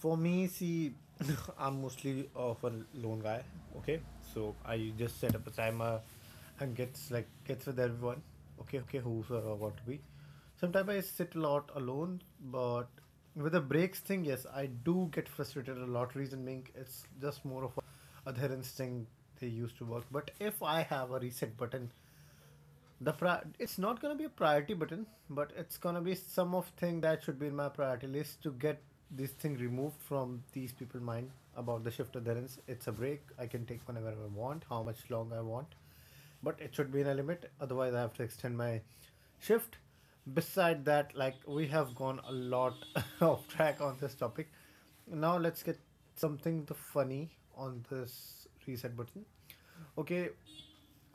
S1: For me, see, I'm mostly of a lone guy. Okay, so I just set up a timer and gets like gets with everyone. Okay, who's I want to be. Sometimes I sit a lot alone, but with the breaks thing, yes, I do get frustrated a lot. Reason being, it's just more of a adherence thing they used to work. But if I have a reset button, it's not going to be a priority button, but it's going to be some of thing that should be in my priority list to get this thing removed from these people mind about the shift adherence. It's a break, I can take whenever I want, how much long I want, but it should be in a limit, otherwise I have to extend my shift. Beside that, like, we have gone a lot off track on this topic. Now let's get something the funny on this reset button. Okay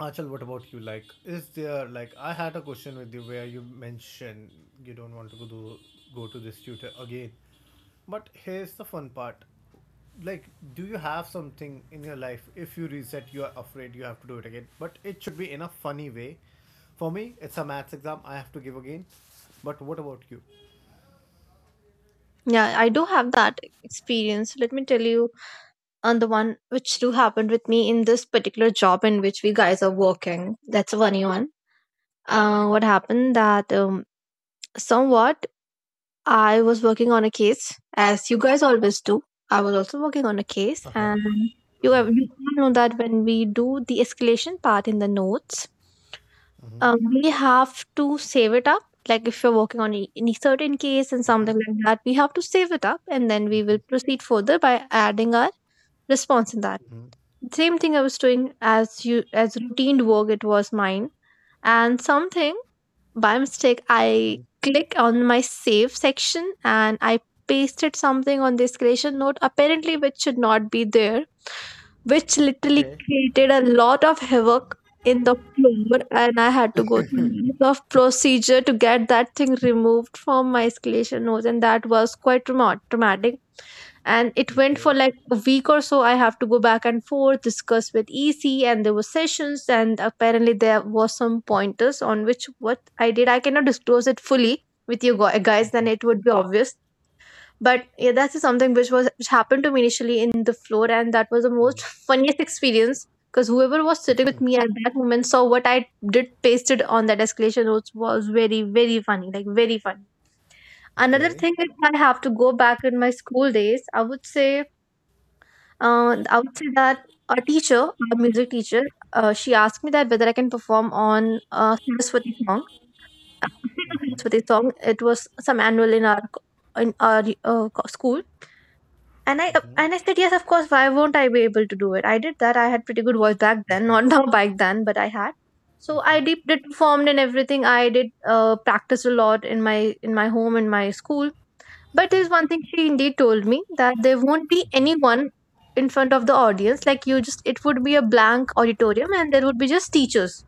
S1: Achal, what about you? Like, is there like I had a question with you where you mentioned you don't want to go to this tutor again, but here's the fun part. Like, do you have something in your life? If you reset, you are afraid you have to do it again, but it should be in a funny way. For me, it's a maths exam I have to give again. But what about you?
S3: Yeah, I do have that experience. Let me tell you on the one which do happened with me in this particular job in which we guys are working. That's a funny one. What happened that somewhat I was working on a case, as you guys always do. I was also working on a case,
S1: Uh huh.
S3: and you have, you all know that when we do the escalation part in the notes, um, we have to save it up. Like if you're working on any certain case and something like that, we have to save it up, and then we will proceed further by adding our response in that.
S1: hmm
S3: Same thing I was doing as you as routine work. It was mine, and something by mistake, I click on my save section and I pasted something on this creation note, apparently, which should not be there, which literally
S1: Okay.
S3: created a lot of havoc in the floor. And I had to go through a lot of procedure to get that thing removed from my escalation notes. And that was quite traumatic, and it went for
S1: Okay.
S3: like a week or so. I have to go back and forth, discuss with EC, and there were sessions, and apparently there was some pointers on which what I did I cannot disclose it fully with you guys, then it would be obvious. But yeah, that's something which was which happened to me initially in the floor, and that was the most funniest experience, because whoever was sitting with me at that moment saw what I did pasted on that escalation notes was very very funny, like very funny. Another
S1: Okay.
S3: thing, if I have to go back in my school days, I would say I would say that a teacher, a music teacher, she asked me that whether I can perform on a Saraswati song. Saraswati song. It was some annual in our school, and I
S1: Mm-hmm.
S3: and I said yes, of course. Why won't I be able to do it? I did that. I had pretty good voice back then, not now, back then, but I had. So I did performed and everything. I did practice a lot in my home in my school, but there's one thing she indeed told me that there won't be anyone in front of the audience. Like you just, it would be a blank auditorium, and there would be just teachers.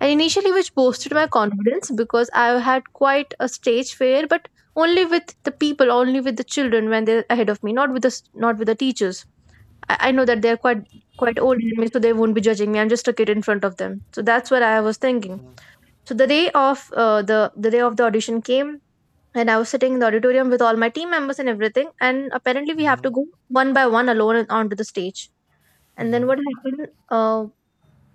S3: And initially, which boosted my
S1: Okay.
S3: confidence because I had quite a stage fear, but only with the people, only with the children when they're ahead of me, not with the not with the teachers. I know that they're quite quite old in me, so they won't be judging me. I'm just a kid in front of them. So that's what I was thinking. So the day of the day of the audition came, and I was sitting in the auditorium with all my team members and everything. And apparently, we have
S1: Mm-hmm.
S3: to go one by one alone and onto the stage. And then what happened? Uh,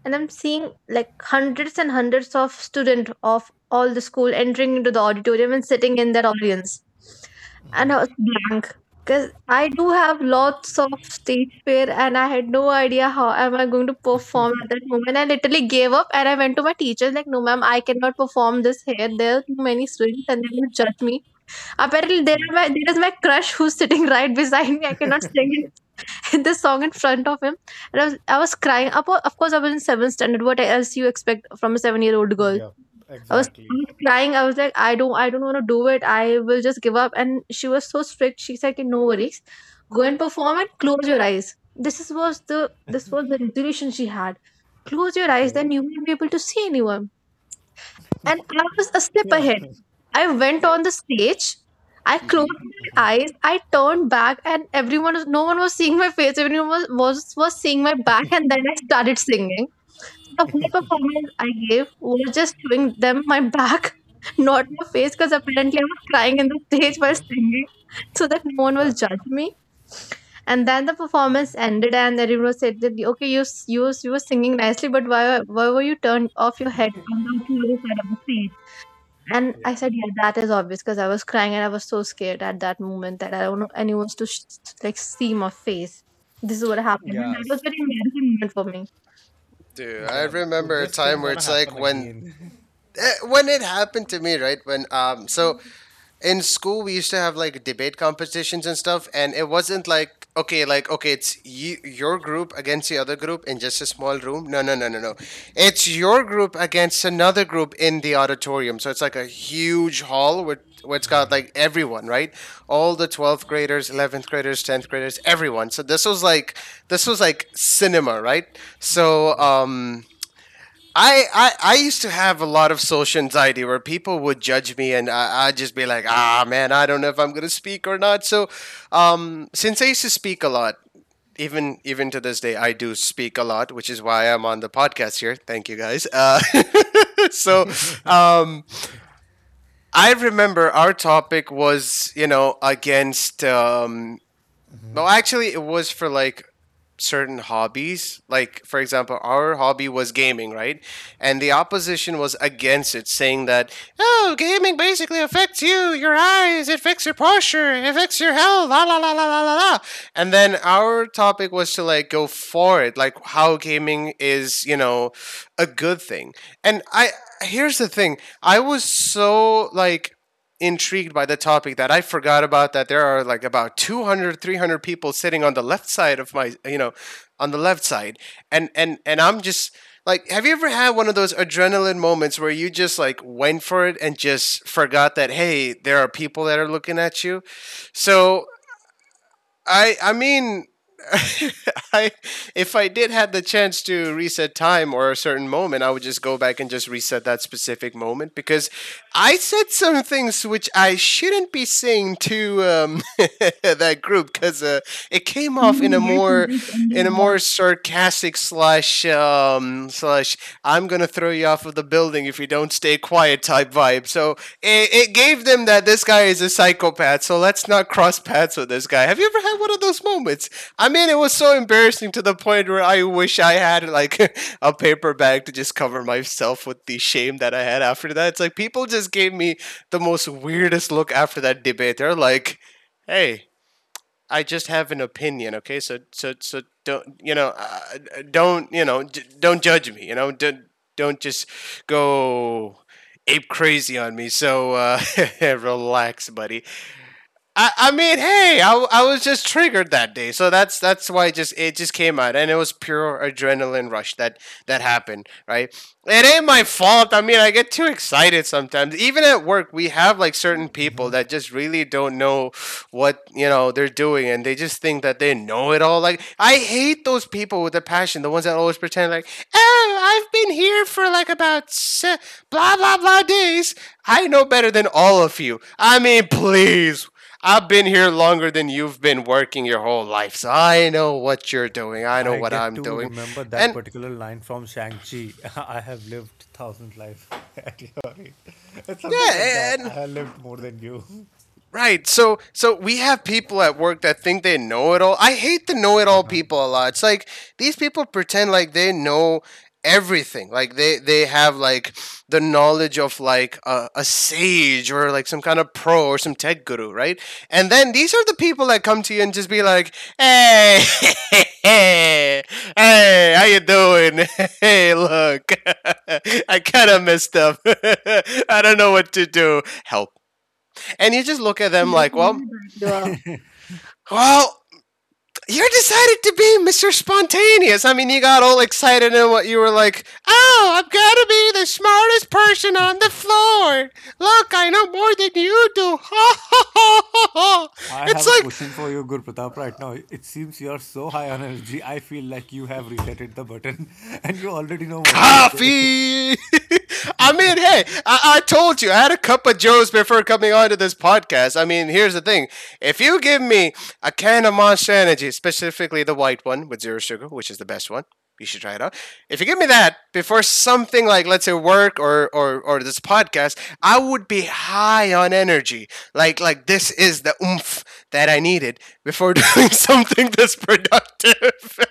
S3: and I'm seeing like hundreds and hundreds of students of all the school entering into the auditorium and sitting in that audience. And I was blank because I do have lots of stage fear, and I had no idea how am I going to perform at that moment. I literally gave up, and I went to my teacher like, "No, ma'am, I cannot perform this here. There are too many students, and they will judge me." Apparently, there, are
S1: Mm-hmm.
S3: there is my crush who's sitting right beside me. I cannot this song in front of him. And I was crying. Of cour- of course, I was in seventh standard. What else you expect from a 7-year-old girl?
S1: Yeah.
S3: I was
S1: Exactly.
S3: crying. I was like, I don't want to do it. I will just give up. And she was so strict. She said, "Okay, no worries. Go and perform and close your eyes. This is, was the this was the resolution she had. Close your eyes, then
S1: Okay.
S3: you won't be able to see anyone." And I was a step
S1: Yeah.
S3: ahead. I went
S2: Yeah.
S3: on the stage. I
S2: hmm
S3: closed my eyes. I turned back, and no one was seeing my face. Everyone was seeing my back, and then I started singing. The whole performance I gave was just showing them my back, not my face, because apparently I was crying in the stage while singing, so that no one will
S1: Yep.
S3: judge me. And then the performance ended, and everyone said that okay, you were singing nicely, but why were you turned off your head on the other side of the stage? And I
S1: Yeah.
S3: said, yeah, that is obvious because I was crying, and I was so scared at that moment that I don't want anyone to see my face. This is what happened, and that
S1: Yes.
S3: was very embarrassing moment for me.
S2: Dude, I
S1: Yep. So
S2: remember a
S1: this
S2: time
S1: thing
S2: where
S1: gonna
S2: it's like
S1: happen
S2: when
S1: again.
S2: when it happened to me, right? When so in school we used to have like debate competitions and stuff, and it wasn't like okay, like okay, it's you, your group against the other group in just a small room. No, no, no, no, no, it's your group against another group in the auditorium. So it's like a huge hall with where it's got like everyone, right, all the 12th graders, 11th graders, 10th graders, everyone. So this was like, this was like cinema, right? so
S1: Yep.
S2: um I, I I used to have a lot of social anxiety where people would judge me, and I'd just be like, ah, man, I don't know if I'm going to speak or not. So, since I used to speak a lot, even to this day, I do speak a lot, which is why I'm on the podcast here. Thank you guys. So,
S1: Mhm.
S2: um, I remember our topic was, you know, against it was for like certain hobbies. Like, for example, our hobby was gaming, right? And the opposition was against it, saying that, oh, gaming basically affects you, your eyes, it affects your posture, it affects your health, la la la la la la la. And then our topic was to like go for it, like how gaming is, you know, a good thing. And I, here's the thing, I was so like intrigued by the topic that I forgot about that there are like about 200, 300 people sitting on the left side of my, you know, on the left side. And I'm just like, have you ever had one of those adrenaline moments where you just like went for it and just forgot that hey, there are people that are looking at you? So I mean, I, if I did have the chance to reset time or a certain moment, I would just go back and just reset that specific moment, because I said some things which I shouldn't be saying to that group, because it came off
S3: Mm,
S2: in a
S3: yes,
S2: more,
S3: indeed,
S2: in
S3: indeed.
S2: a more sarcastic slash slash I'm gonna throw you off of the building if you don't stay quiet type vibe. So it gave them that this guy is a psychopath, so let's not cross paths with this guy. Have you ever had one of those moments? I mean, it was so embarrassing to the point where I wish I had like a paper bag to just cover myself with the shame that I had after that. It's like people just gave me the most weirdest look after that debate. They're like, hey, I just have an opinion. Okay, so don't you know? Don't you know? Don't judge me, you know? Don't just go ape crazy on me. So relax, buddy. I mean, hey, I was just triggered that day, so that's why it just, it just came out, and it was pure adrenaline rush that happened, right? It ain't my fault. I mean, I get too excited sometimes. Even at work, we have like certain people that just really don't know what, you know, they're doing, and they just think that they know it all. Like, I hate those people with a passion, the ones that always pretend like, oh, I've been here for like about blah blah blah days, I know better than all of you. I mean, please. I've been here longer than you've been working your whole life, so I know what you're doing, I know
S1: I
S2: what
S1: get
S2: I'm
S1: to
S2: doing.
S1: remember that
S2: And
S1: particular line from Shang Chi. I have lived thousand lives at your rate. It's something like
S2: yeah,
S1: that.
S2: and
S1: I have lived more than you.
S2: right. So we have people at work that think they know it all. I hate the know it all people a lot. It's like these people pretend like they know everything. Like, they have like the knowledge of like a sage or like some kind of pro or some tech guru, right? And then these are the people that come to you and just be like, "Hey, hey, hey, how you doing? Hey, look, I kind of messed up. I don't know what to do. Help," and you just look at them like, well,
S3: Your
S2: well, you decided to be Mr. Spontaneous. I mean, you got all excited, and what, you were like, oh, I have got to be the smartest person on the floor. Look, I know more than you do. Ha ha ha ha ha.
S1: I
S2: It's
S1: have a
S2: like
S1: question for you, Guru Pratap, right now. It seems you are so high on energy. I feel like you have resetted the button and you already know what to say.
S2: coffee. I mean, hey, I told you I had a cup of Joe's before coming onto this podcast. I mean, here's the thing: if you give me a can of Monster Energy, specifically the white one with zero sugar, which is the best one, you should try it out. If you give me that before something like, let's say, work or this podcast, I would be high on energy. Like, this is the oomph that I needed before doing something this productive.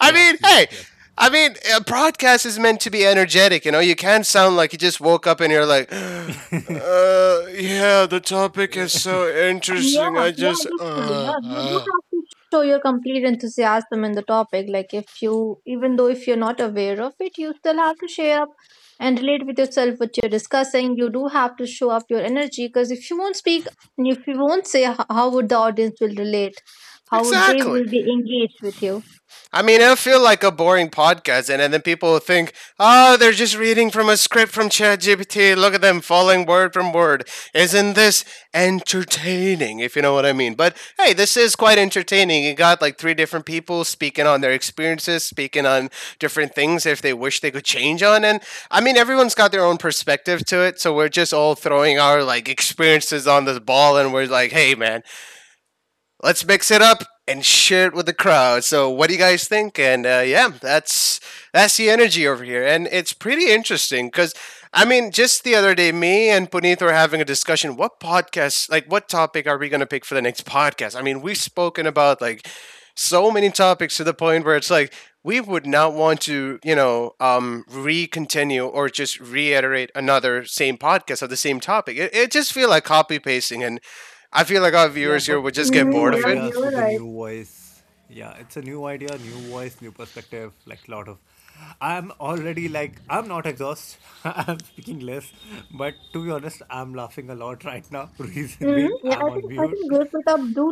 S2: I
S1: Yep,
S2: mean,
S1: yep,
S2: hey,
S1: yep.
S2: I mean, a broadcast is meant to be energetic. You know, you can't sound like you just woke up and you're like, yeah, the topic is so interesting.
S3: Yeah,
S2: I
S3: yeah,
S2: just,
S3: that's true. Yeah, you do have to show your complete enthusiasm in the topic. Like if you, even though if you're not aware of it, you still have to share up and relate with yourself what you're discussing. You do have to show up your energy, because if you won't speak, if you won't say, how would the audience will relate? How would they
S2: Exactly.
S3: will be engaged with you?
S2: I mean, it'll feel like a boring podcast, and then people will think, oh, they're just reading from a script from ChatGPT. Look at them following word from word. Isn't this entertaining, if you know what I mean? But hey, this is quite entertaining. You got like three different people speaking on their experiences, speaking on different things if they wish they could change on. And I mean, everyone's got their own perspective to it. So we're just all throwing our like experiences on this ball, and we're like, hey, man, let's mix it up and share it with the crowd. So, what do you guys think? And yeah, that's the energy over here, and it's pretty interesting, because I mean, just the other day, me and Puneet were having a discussion. What podcast, like, what topic are we going to pick for the next podcast? I mean, we've spoken about like so many topics to the point where it's like we would not want to, you know, re-continue or just reiterate another same podcast of the same topic. It just feel like copy pasting, and I feel like our
S1: Yeah,
S2: viewers here
S1: but
S2: would just
S1: with the
S2: get
S3: Mm-hmm,
S1: new
S2: bored of
S3: yeah,
S2: it.
S1: ideas,
S3: you're
S1: with the
S3: right.
S1: new voice. Yeah, it's a new idea, new voice, new perspective, like a lot of I'm already like I'm not exhausted. I'm speaking less. But to be honest, I'm laughing a lot right now. Reason
S3: Mm,
S1: being
S3: yeah,
S1: I'm on
S3: I
S1: mute.
S3: think Great Pratap do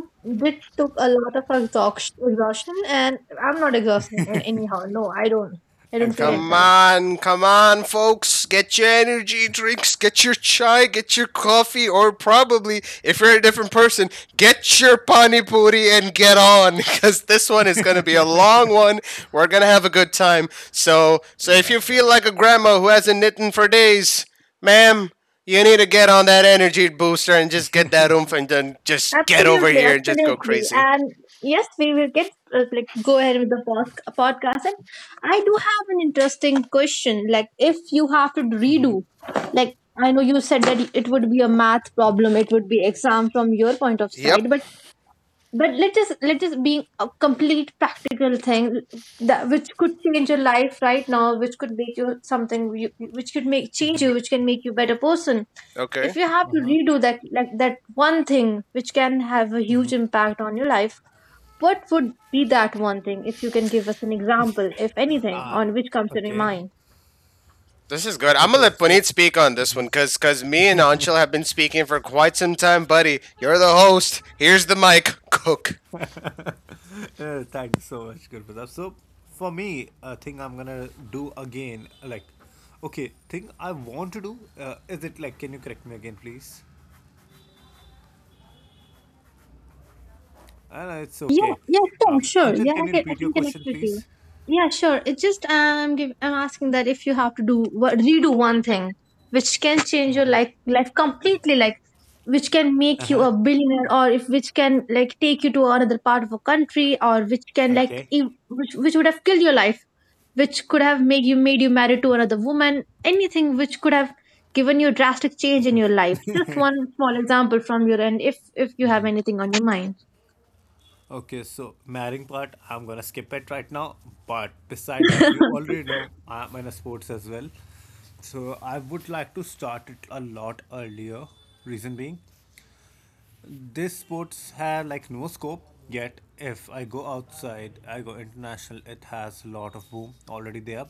S3: did took a lot of exhaustion, and I'm not exhausting in anyhow. No, I don't. I don't feel in
S2: Come
S3: that.
S1: Exactly.
S2: on, come on, folks. Get your energy drinks, get your chai, get your coffee, or probably, if you're a different person, get your pani puri and get on because this one is going to be a long one. We're going to have a good time. So, if
S1: Yep,
S2: you
S1: yep.
S2: feel like a grandma who hasn't knitted for days, ma'am, you need to get on that energy booster and just get that oomph and then just get over
S3: Absolutely,
S2: here and just go
S3: absolutely,
S2: crazy.
S3: and yes, we will get like go ahead with the podcast. And I do have an interesting question. Like, if you have to redo, like I know you said that it would be a math problem, it would be exam from your point of
S2: Yep.
S3: sight, but let us be a complete practical thing, that which could change your life right now, which could make you something you, which could make change you, which can make you a better person
S2: Okay.
S3: if you have to
S1: Uh-huh.
S3: redo that, like that one thing which can have a huge impact on your life, what would be that one thing if you can give us an example if anything on which comes to your
S1: Okay.
S3: mind.
S2: This is good. I'm gonna
S1: Okay,
S2: let
S1: so
S2: Puneet speak on this one, because me and Anshul have been speaking for quite some time. Buddy, you're the host. Here's the mic. Cook.
S1: Thank you so much, Gurpratap. So, for me, a thing I'm gonna do again, like, okay, thing I want to do, is it like, can you correct me again, please? It's
S3: Yeah,
S1: okay.
S3: yeah, sure, sure. Yeah,
S1: Achal, can you
S3: I
S1: repeat your
S3: can connect
S1: question,
S3: with you.
S1: please?
S3: Yeah, sure. It's just I'm asking that if you have to do what redo one thing which can change your life completely, like which can
S1: Uh
S3: make you
S1: huh.
S3: a billionaire, or if which can like take you to another part of a country, or which can
S1: Okay.
S3: which would have killed your life, which could have made you married to another woman, anything which could have given you a drastic change in your life. Just one small example from your end, if you have anything on your mind.
S1: Okay, so marrying part, I'm gonna skip it right now. But beside that, you already know I'm in a sports as well. So I would like to start it a lot earlier. Reason being, these sports have like no scope yet. If I go outside, I go international, it has a lot of boom already there.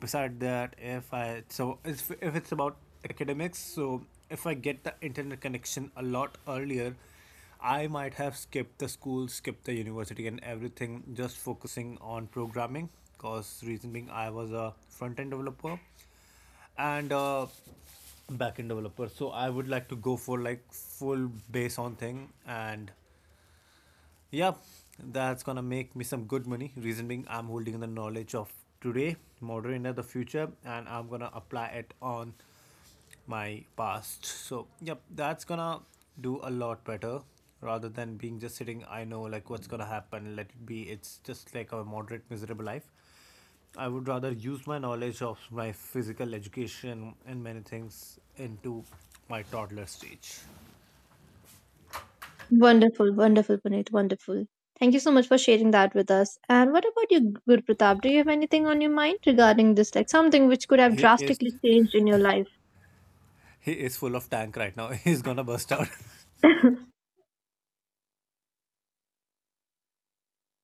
S1: Beside that, if it's about academics, so if I get the internet connection a lot earlier, I might have skipped the school, skipped the university and everything, just focusing on programming. Because reason being, I was a front end developer and backend developer. So I would like to go for like full base on thing, and yeah, that's gonna make me some good money. Reason being, I'm holding the knowledge of today, modern India, the future, and I'm gonna apply it on my past. So yep, that's gonna do a lot better rather than being just sitting. I know like what's gonna happen. Let it be. It's just like a moderate, miserable life. I would rather use my knowledge of my physical education and many things into my toddler stage.
S3: Wonderful, wonderful, Puneet, wonderful. Thank you so much for sharing that with us. And what about you, Guru Pratap? Do you have anything on your mind regarding this, like something which could have
S1: He is
S3: drastically changed in your life?
S1: he is full of tank right now. He's gonna burst out.
S3: Yeah,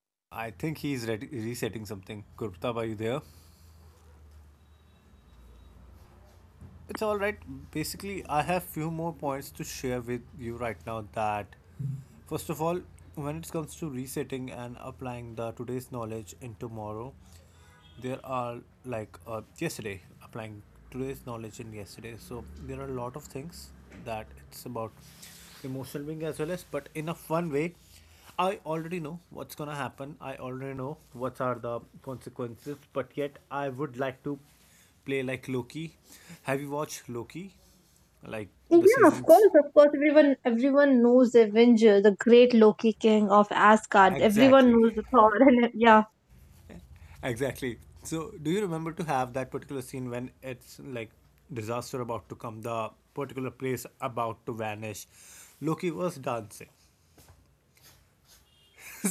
S1: I think resetting something. Gurptab, are you there? It's all right. Basically, I have few more points to share with you right now. That first of all, when it comes to resetting and applying the today's knowledge in tomorrow, there are like yesterday applying today's knowledge in yesterday. So there are a lot of things that it's about emotional being as well, as but in a fun way, I already know what's gonna happen. I already know what are the consequences, but yet I would like to play, like Loki. Have you watched Loki, like the
S3: of
S1: seasons?
S3: course, of course. Everyone knows the Avenger, the great Loki king of Asgard. Everyone
S1: Exactly.
S3: knows the Thor, and yeah,
S1: Exactly. So, do you remember to have that particular scene when it's like disaster about to come, the particular place about to vanish? Loki was dancing.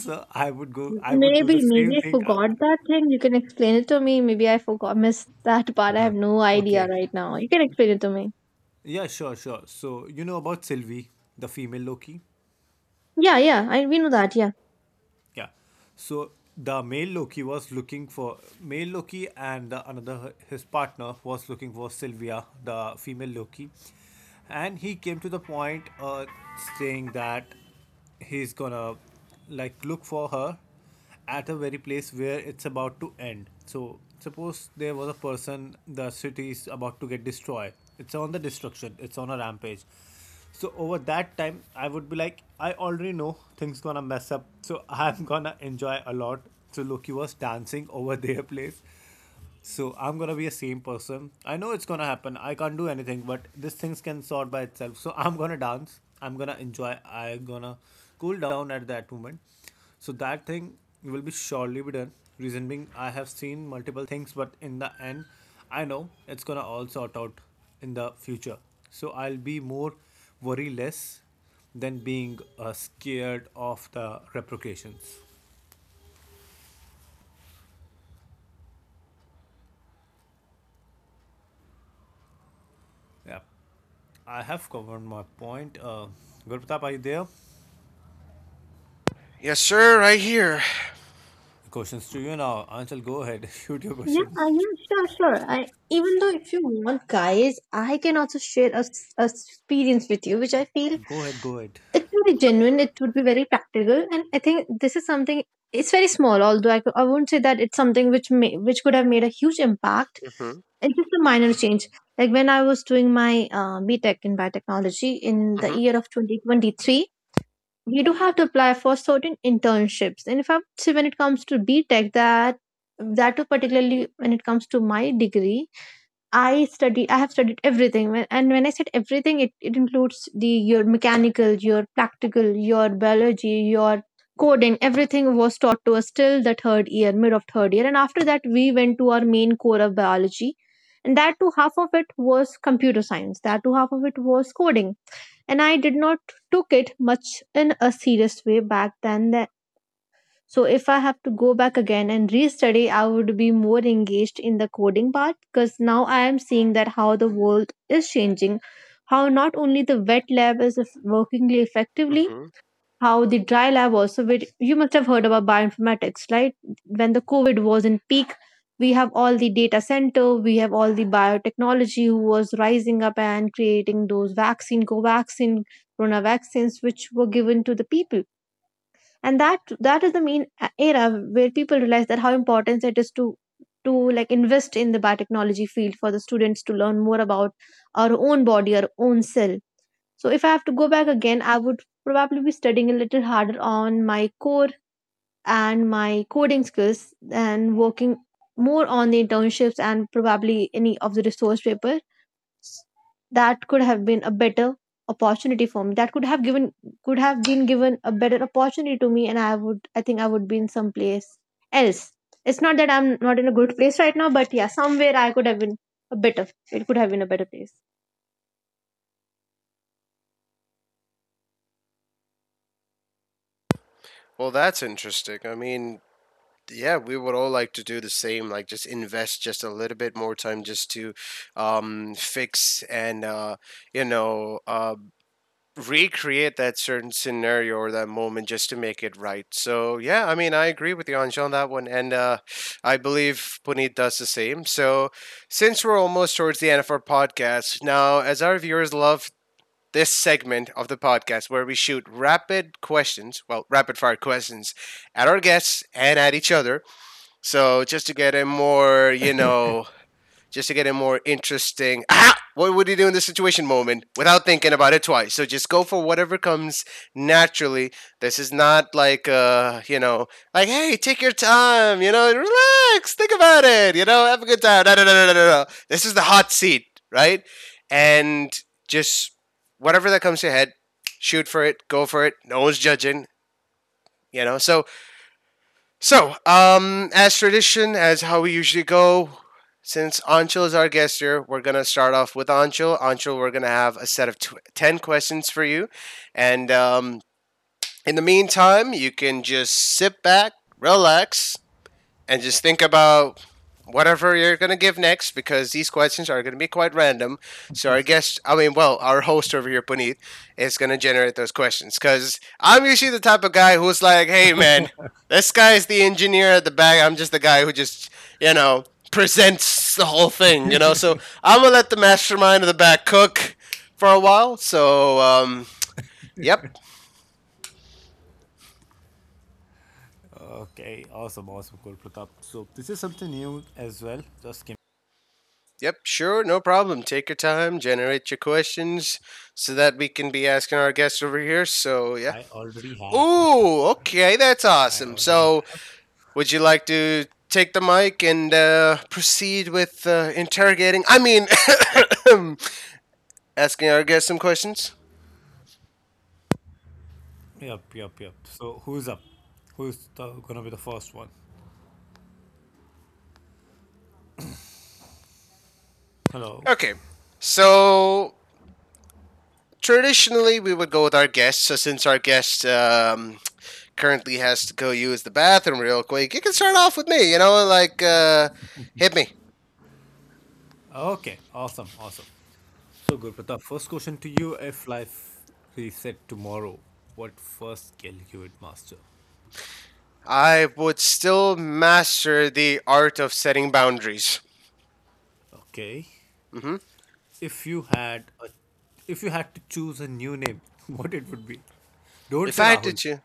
S1: So, I would go, I would do the same
S3: maybe I
S1: thing.
S3: forgot that thing. You can explain it to me. Maybe I forgot, missed that part. I have no idea
S1: Okay.
S3: right now. You can explain it to me.
S1: Yeah, sure, sure. So, you know about Sylvie, the female Loki?
S3: Yeah, yeah, I we know that. Yeah.
S1: Yeah. So the male Loki was looking for male Loki, and the, another his partner was looking for Sylvia, the female Loki, and he came to the point saying that he's gonna like look for her at a very place where it's about to end. So suppose there was a person, the city is about to get destroyed. It's on the destruction. It's on a rampage. So over that time, I would be like, I already know things gonna mess up. So I'm gonna enjoy a lot. So Loki was dancing over their place, so I'm gonna be a same person. I know it's gonna happen. I can't do anything, but these things can sort by itself. So I'm gonna dance. I'm gonna enjoy. I'm gonna cool down at that moment. So that thing will be surely be done. Reason being, I have seen multiple things, but in the end, I know it's gonna all sort out in the future. So I'll be more worry less than being scared of the repercussions. Yeah, I have covered my point. Gurpratap, are you there?
S2: Yes, sir. Right here.
S1: Questions to you now. Anshul, go ahead. Shoot your question.
S3: Yeah, sure, sure. I even though if you want, guys, I can also share a experience with you, which I feel
S1: Go ahead, go ahead.
S3: it would be genuine. It would be very practical, and I think this is something. It's very small, although I won't say that it's something which may which could have made a huge impact.
S2: hmm
S3: It's just a minor change. Like when I was doing my B Tech in biotechnology in the
S2: hmm
S3: year of 2023, we do have to apply for certain internships. And if I would say when it comes to B Tech, that too particularly when it comes to my degree, I have studied everything. When and when I said everything, it includes the your mechanical, your practical, your biology, your coding. Everything was taught to us till the third year, mid of third year, and after that we went to our main core of biology, and that too half of it was computer science, that too half of it was coding, and I did not took it much in a serious way back then. That so if I have to go back again and restudy, I would be more engaged in the coding part, because now I am seeing that how the world is changing, how not only the wet lab is working effectively,
S2: hmm
S3: how the dry lab also, which you must have heard about bioinformatics, right? When the COVID was in peak, we have all the data center, we have all the biotechnology who was rising up and creating those vaccine, corona vaccines, which were given to the people, and that is the main era where people realize that how important it is to like invest in the biotechnology field for the students to learn more about our own body, our own cell. So if I have to go back again, I would probably be studying a little harder on my core and my coding skills, and working more on the internships and probably any of the resource papers. That could have been a better opportunity for me. That could have given could have been given a better opportunity to me, and I think I would be in some place else. It's not that I'm not in a good place right now, but yeah, somewhere I could have been a better it could have been a better place.
S2: Well, that's interesting. I mean, yeah, we would all like to do the same. Like, just invest just a little bit more time just to fix and you know, recreate that certain scenario or that moment just to make it right. So yeah, I mean, I agree with you, Anshul, on that one, and I believe Puneet does the same. So since we're almost towards the end of our podcast now, as our viewers love this segment of the podcast where we shoot rapid questions, well, rapid fire questions at our guests and at each other. So just to get a more, you know, just to get a more interesting, ah, what would you do in this situation moment, without thinking about it twice, so just go for whatever comes naturally. This is not like, you know, like hey, take your time, you know, relax, think about it, you know, have a good time. No, no, no, no, no, no, no. This is the hot seat, right, and just whatever that comes to your head, shoot for it, go for it, no one's judging, you know. So, as tradition, as how we usually go, since Ancho is our guest here, we're gonna start off with Ancho. Ancho, we're gonna have a set of 10 questions for you, and in the meantime, you can just sit back, relax, and just think about whatever you're going to give next, because these questions are going to be quite random. So our guest, I mean, well, our host over here, Puneet, is going to generate those questions because I'm usually the type of guy who's like, hey, man, this guy is the engineer at the back. I'm just the guy who just, you know, presents the whole thing. So I'm going to let the mastermind of the back cook for a while. So, yep.
S1: Okay, awesome, awesome, cool, Pratap. So this is something new as well. Just give
S2: Yep, sure, no problem. Take your time, generate your questions so that we can be asking our guests over here. So, yeah.
S1: I already have.
S2: Ooh, okay, that's
S1: I
S2: awesome.
S1: already
S2: So,
S1: have.
S2: would you like to take the mic and proceed with interrogating? I mean, asking our guests some questions?
S1: Yep, yep, yep. So who's up? Who's gonna be the first one? Hello.
S2: Okay, so traditionally we would go with our guests. So, since our guest currently has to go use the bathroom real quick, you can start off with me, like, hit me.
S1: Okay, awesome, awesome. So good, Pratap. First question to you: if life reset tomorrow, what first skill you would master?
S2: I would still master the art of setting boundaries.
S1: Okay.
S2: Hmm.
S1: if you had a, if you had to choose a new name, what it would be? Don't
S2: If
S1: say
S2: I had to
S1: Rahul.
S2: choose,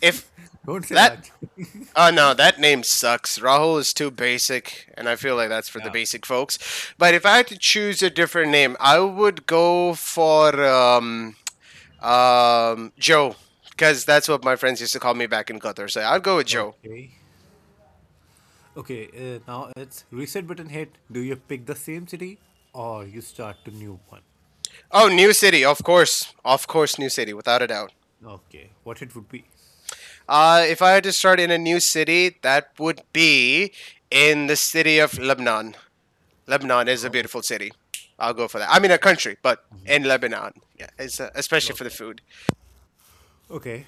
S2: if
S1: Don't say
S2: that,
S1: Raj.
S2: oh no, that name sucks. Rahul is too basic, and I feel like that's for the
S1: Yeah.
S2: basic folks. But if I had to choose a different name, I would go for Joe, because that's what my friends used to call me back in Qatar. So I'd go with Joe.
S1: Okay. Okay. Now it's reset button hit. Do you pick the same city or you start a new one?
S2: Oh, New City, of course, New City, without a doubt.
S1: Okay. What it would be?
S2: If I had to start in a new city, that would be in the city of Lebanon. Lebanon is a
S1: Oh.
S2: beautiful city. I'll go for that. I mean, a country, but in Lebanon, yeah,
S1: Okay.
S2: it's, especially for the
S1: Okay.
S2: food.
S1: Okay.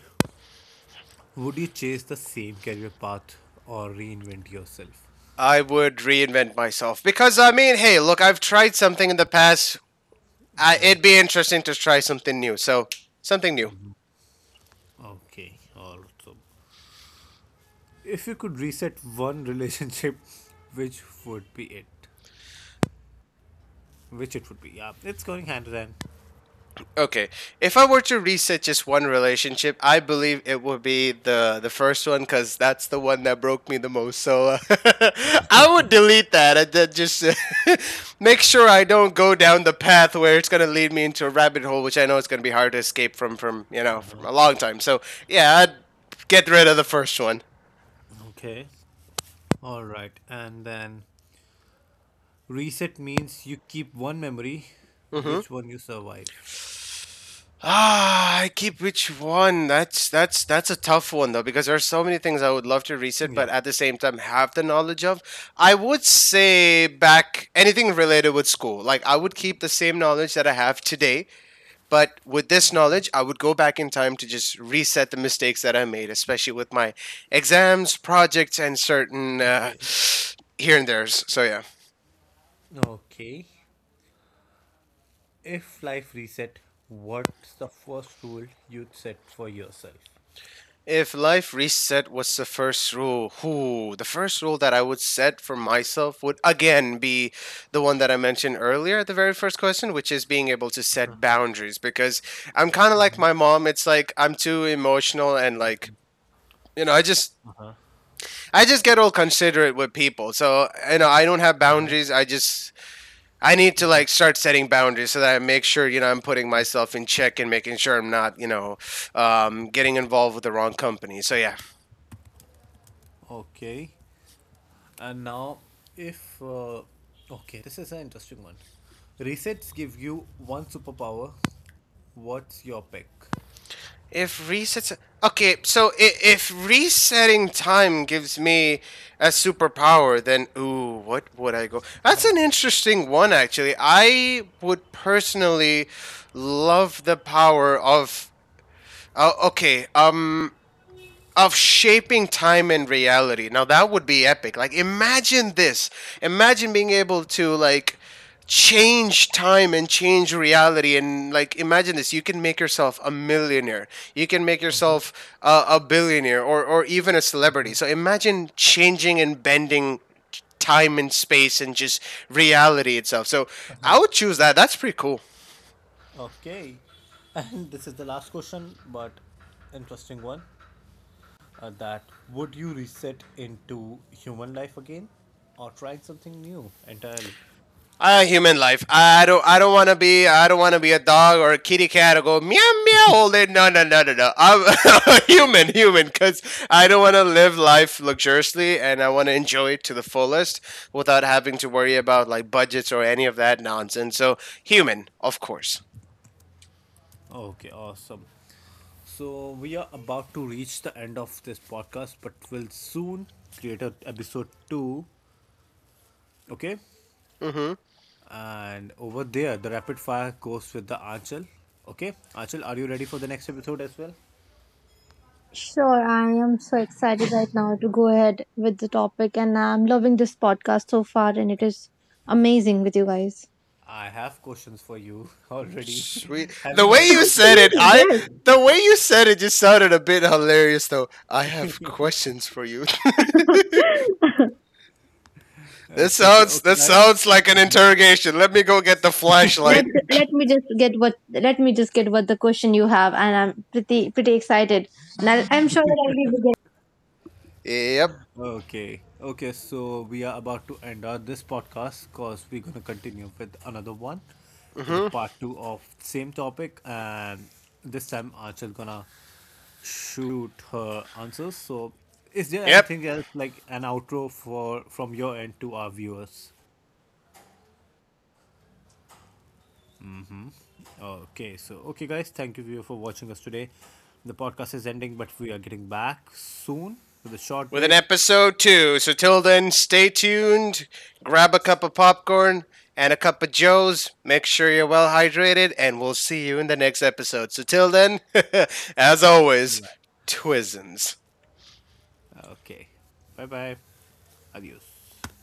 S1: Would you chase the same career path or reinvent yourself?
S2: I would reinvent myself because, I mean, hey, look, I've tried something in the past. It'd be interesting to try something new. So something new.
S1: Okay. Awesome. If you could reset one relationship, which would be it? which it would be. Yeah, it's going hand in hand.
S2: Okay, if I were to reset just one relationship, I believe it would be the first one because that's the one that broke me the most. So I would delete that and then just make sure I don't go down the path where it's gonna lead me into a rabbit hole, which I know it's gonna be hard to escape from from a long time. So yeah, I'd get rid of the first one.
S1: Okay, all right. And then reset means you keep one memory,
S2: Mm-hmm.
S1: which one you survive.
S2: I keep which one? That's a tough one though, because there are so many things I would love to reset, but
S1: Yep.
S2: at the same time have the knowledge of. I would say back anything related with school. Like, I would keep the same knowledge that I have today, but with this knowledge, I would go back in time to just reset the mistakes that I made, especially with my exams, projects, and certain
S1: Okay.
S2: here and there's. So yeah.
S1: Okay. If life reset, what's the first rule you'd set for yourself?
S2: If life reset was the first rule, whoo, the first rule that I would set for myself would again be the one that I mentioned earlier at the very first question, which is being able to set boundaries, because I'm kind of like my mom. It's like, I'm too emotional and, like, you know, I just I just get all considerate with people. So, I don't have boundaries. I need to, like, start setting boundaries so that I make sure, I'm putting myself in check and making sure I'm not, getting involved with the wrong company. So yeah.
S1: Okay. And now, if okay, this is an interesting one. Resets give you one superpower. What's your pick?
S2: If resets. Okay, so if resetting time gives me a superpower, then ooh, what would I go? That's
S1: Huh?
S2: an interesting one, actually. I would personally love the power of. Okay, of shaping time and reality. Now that would be epic. Like, imagine this. Imagine being able to, like, change time and change reality, and, like, imagine this. You can make yourself a millionaire. You can make yourself a billionaire, or even a celebrity. So imagine changing and bending time and space and just reality itself. So I would choose that. That's pretty cool.
S1: Okay, and this is the last question, but interesting one. That would you reset into human life again, or trying something new entirely?
S2: A human life. I don't want to be. I don't want to be a dog or a kitty cat or go meow meow all day. No, no, no, no, no. I'm a human, human, because I don't want to live life luxuriously and I want to enjoy it to the fullest without having to worry about, like, budgets or any of that nonsense. So human, of course.
S1: Okay, awesome. So we are about to reach the end of this podcast, but we'll soon create a episode two. Okay,
S2: Mm-hmm.
S1: and over there the rapid fire goes with the Anchal. Okay, Anchal, are you ready for the next episode as well?
S3: Sure, I am so excited right now to go ahead with the topic, and I'm loving this podcast so far, and it is amazing with you guys.
S1: I have questions for you already.
S2: Sweet.
S1: Have
S2: The
S1: you
S2: way
S1: heard
S2: you
S1: all the
S2: said it,
S1: Gurpratap
S3: Absolutely,
S2: I.
S3: yes.
S1: questions?
S2: The way you said it just sounded a bit hilarious, though. I have questions for you. This
S1: It's okay,
S2: sounds
S1: okay,
S2: this
S1: guys.
S2: sounds like an interrogation. Let me go get the flashlight.
S3: Let me just get what the question you have, and I'm pretty pretty excited, and I'm sure that I'll be
S2: Yep.
S1: Okay, okay, so we are about to end our this podcast because we're gonna continue with another one with the part two of same topic, and this time Archer's gonna shoot her answers. So, is there
S2: Yep.
S1: anything else like an outro for from your end to our viewers? Okay, so okay, guys, thank you viewer for watching us today. The podcast is ending, but we are getting back soon with a short
S2: With an
S1: break.
S2: episode 2. So till then, stay tuned. Grab a cup of popcorn and a cup of joes. Make sure you're well hydrated and we'll see you in the next episode. So till then, as always,
S1: Bye
S2: twisms.
S1: bye. Okay, bye bye. Adiós.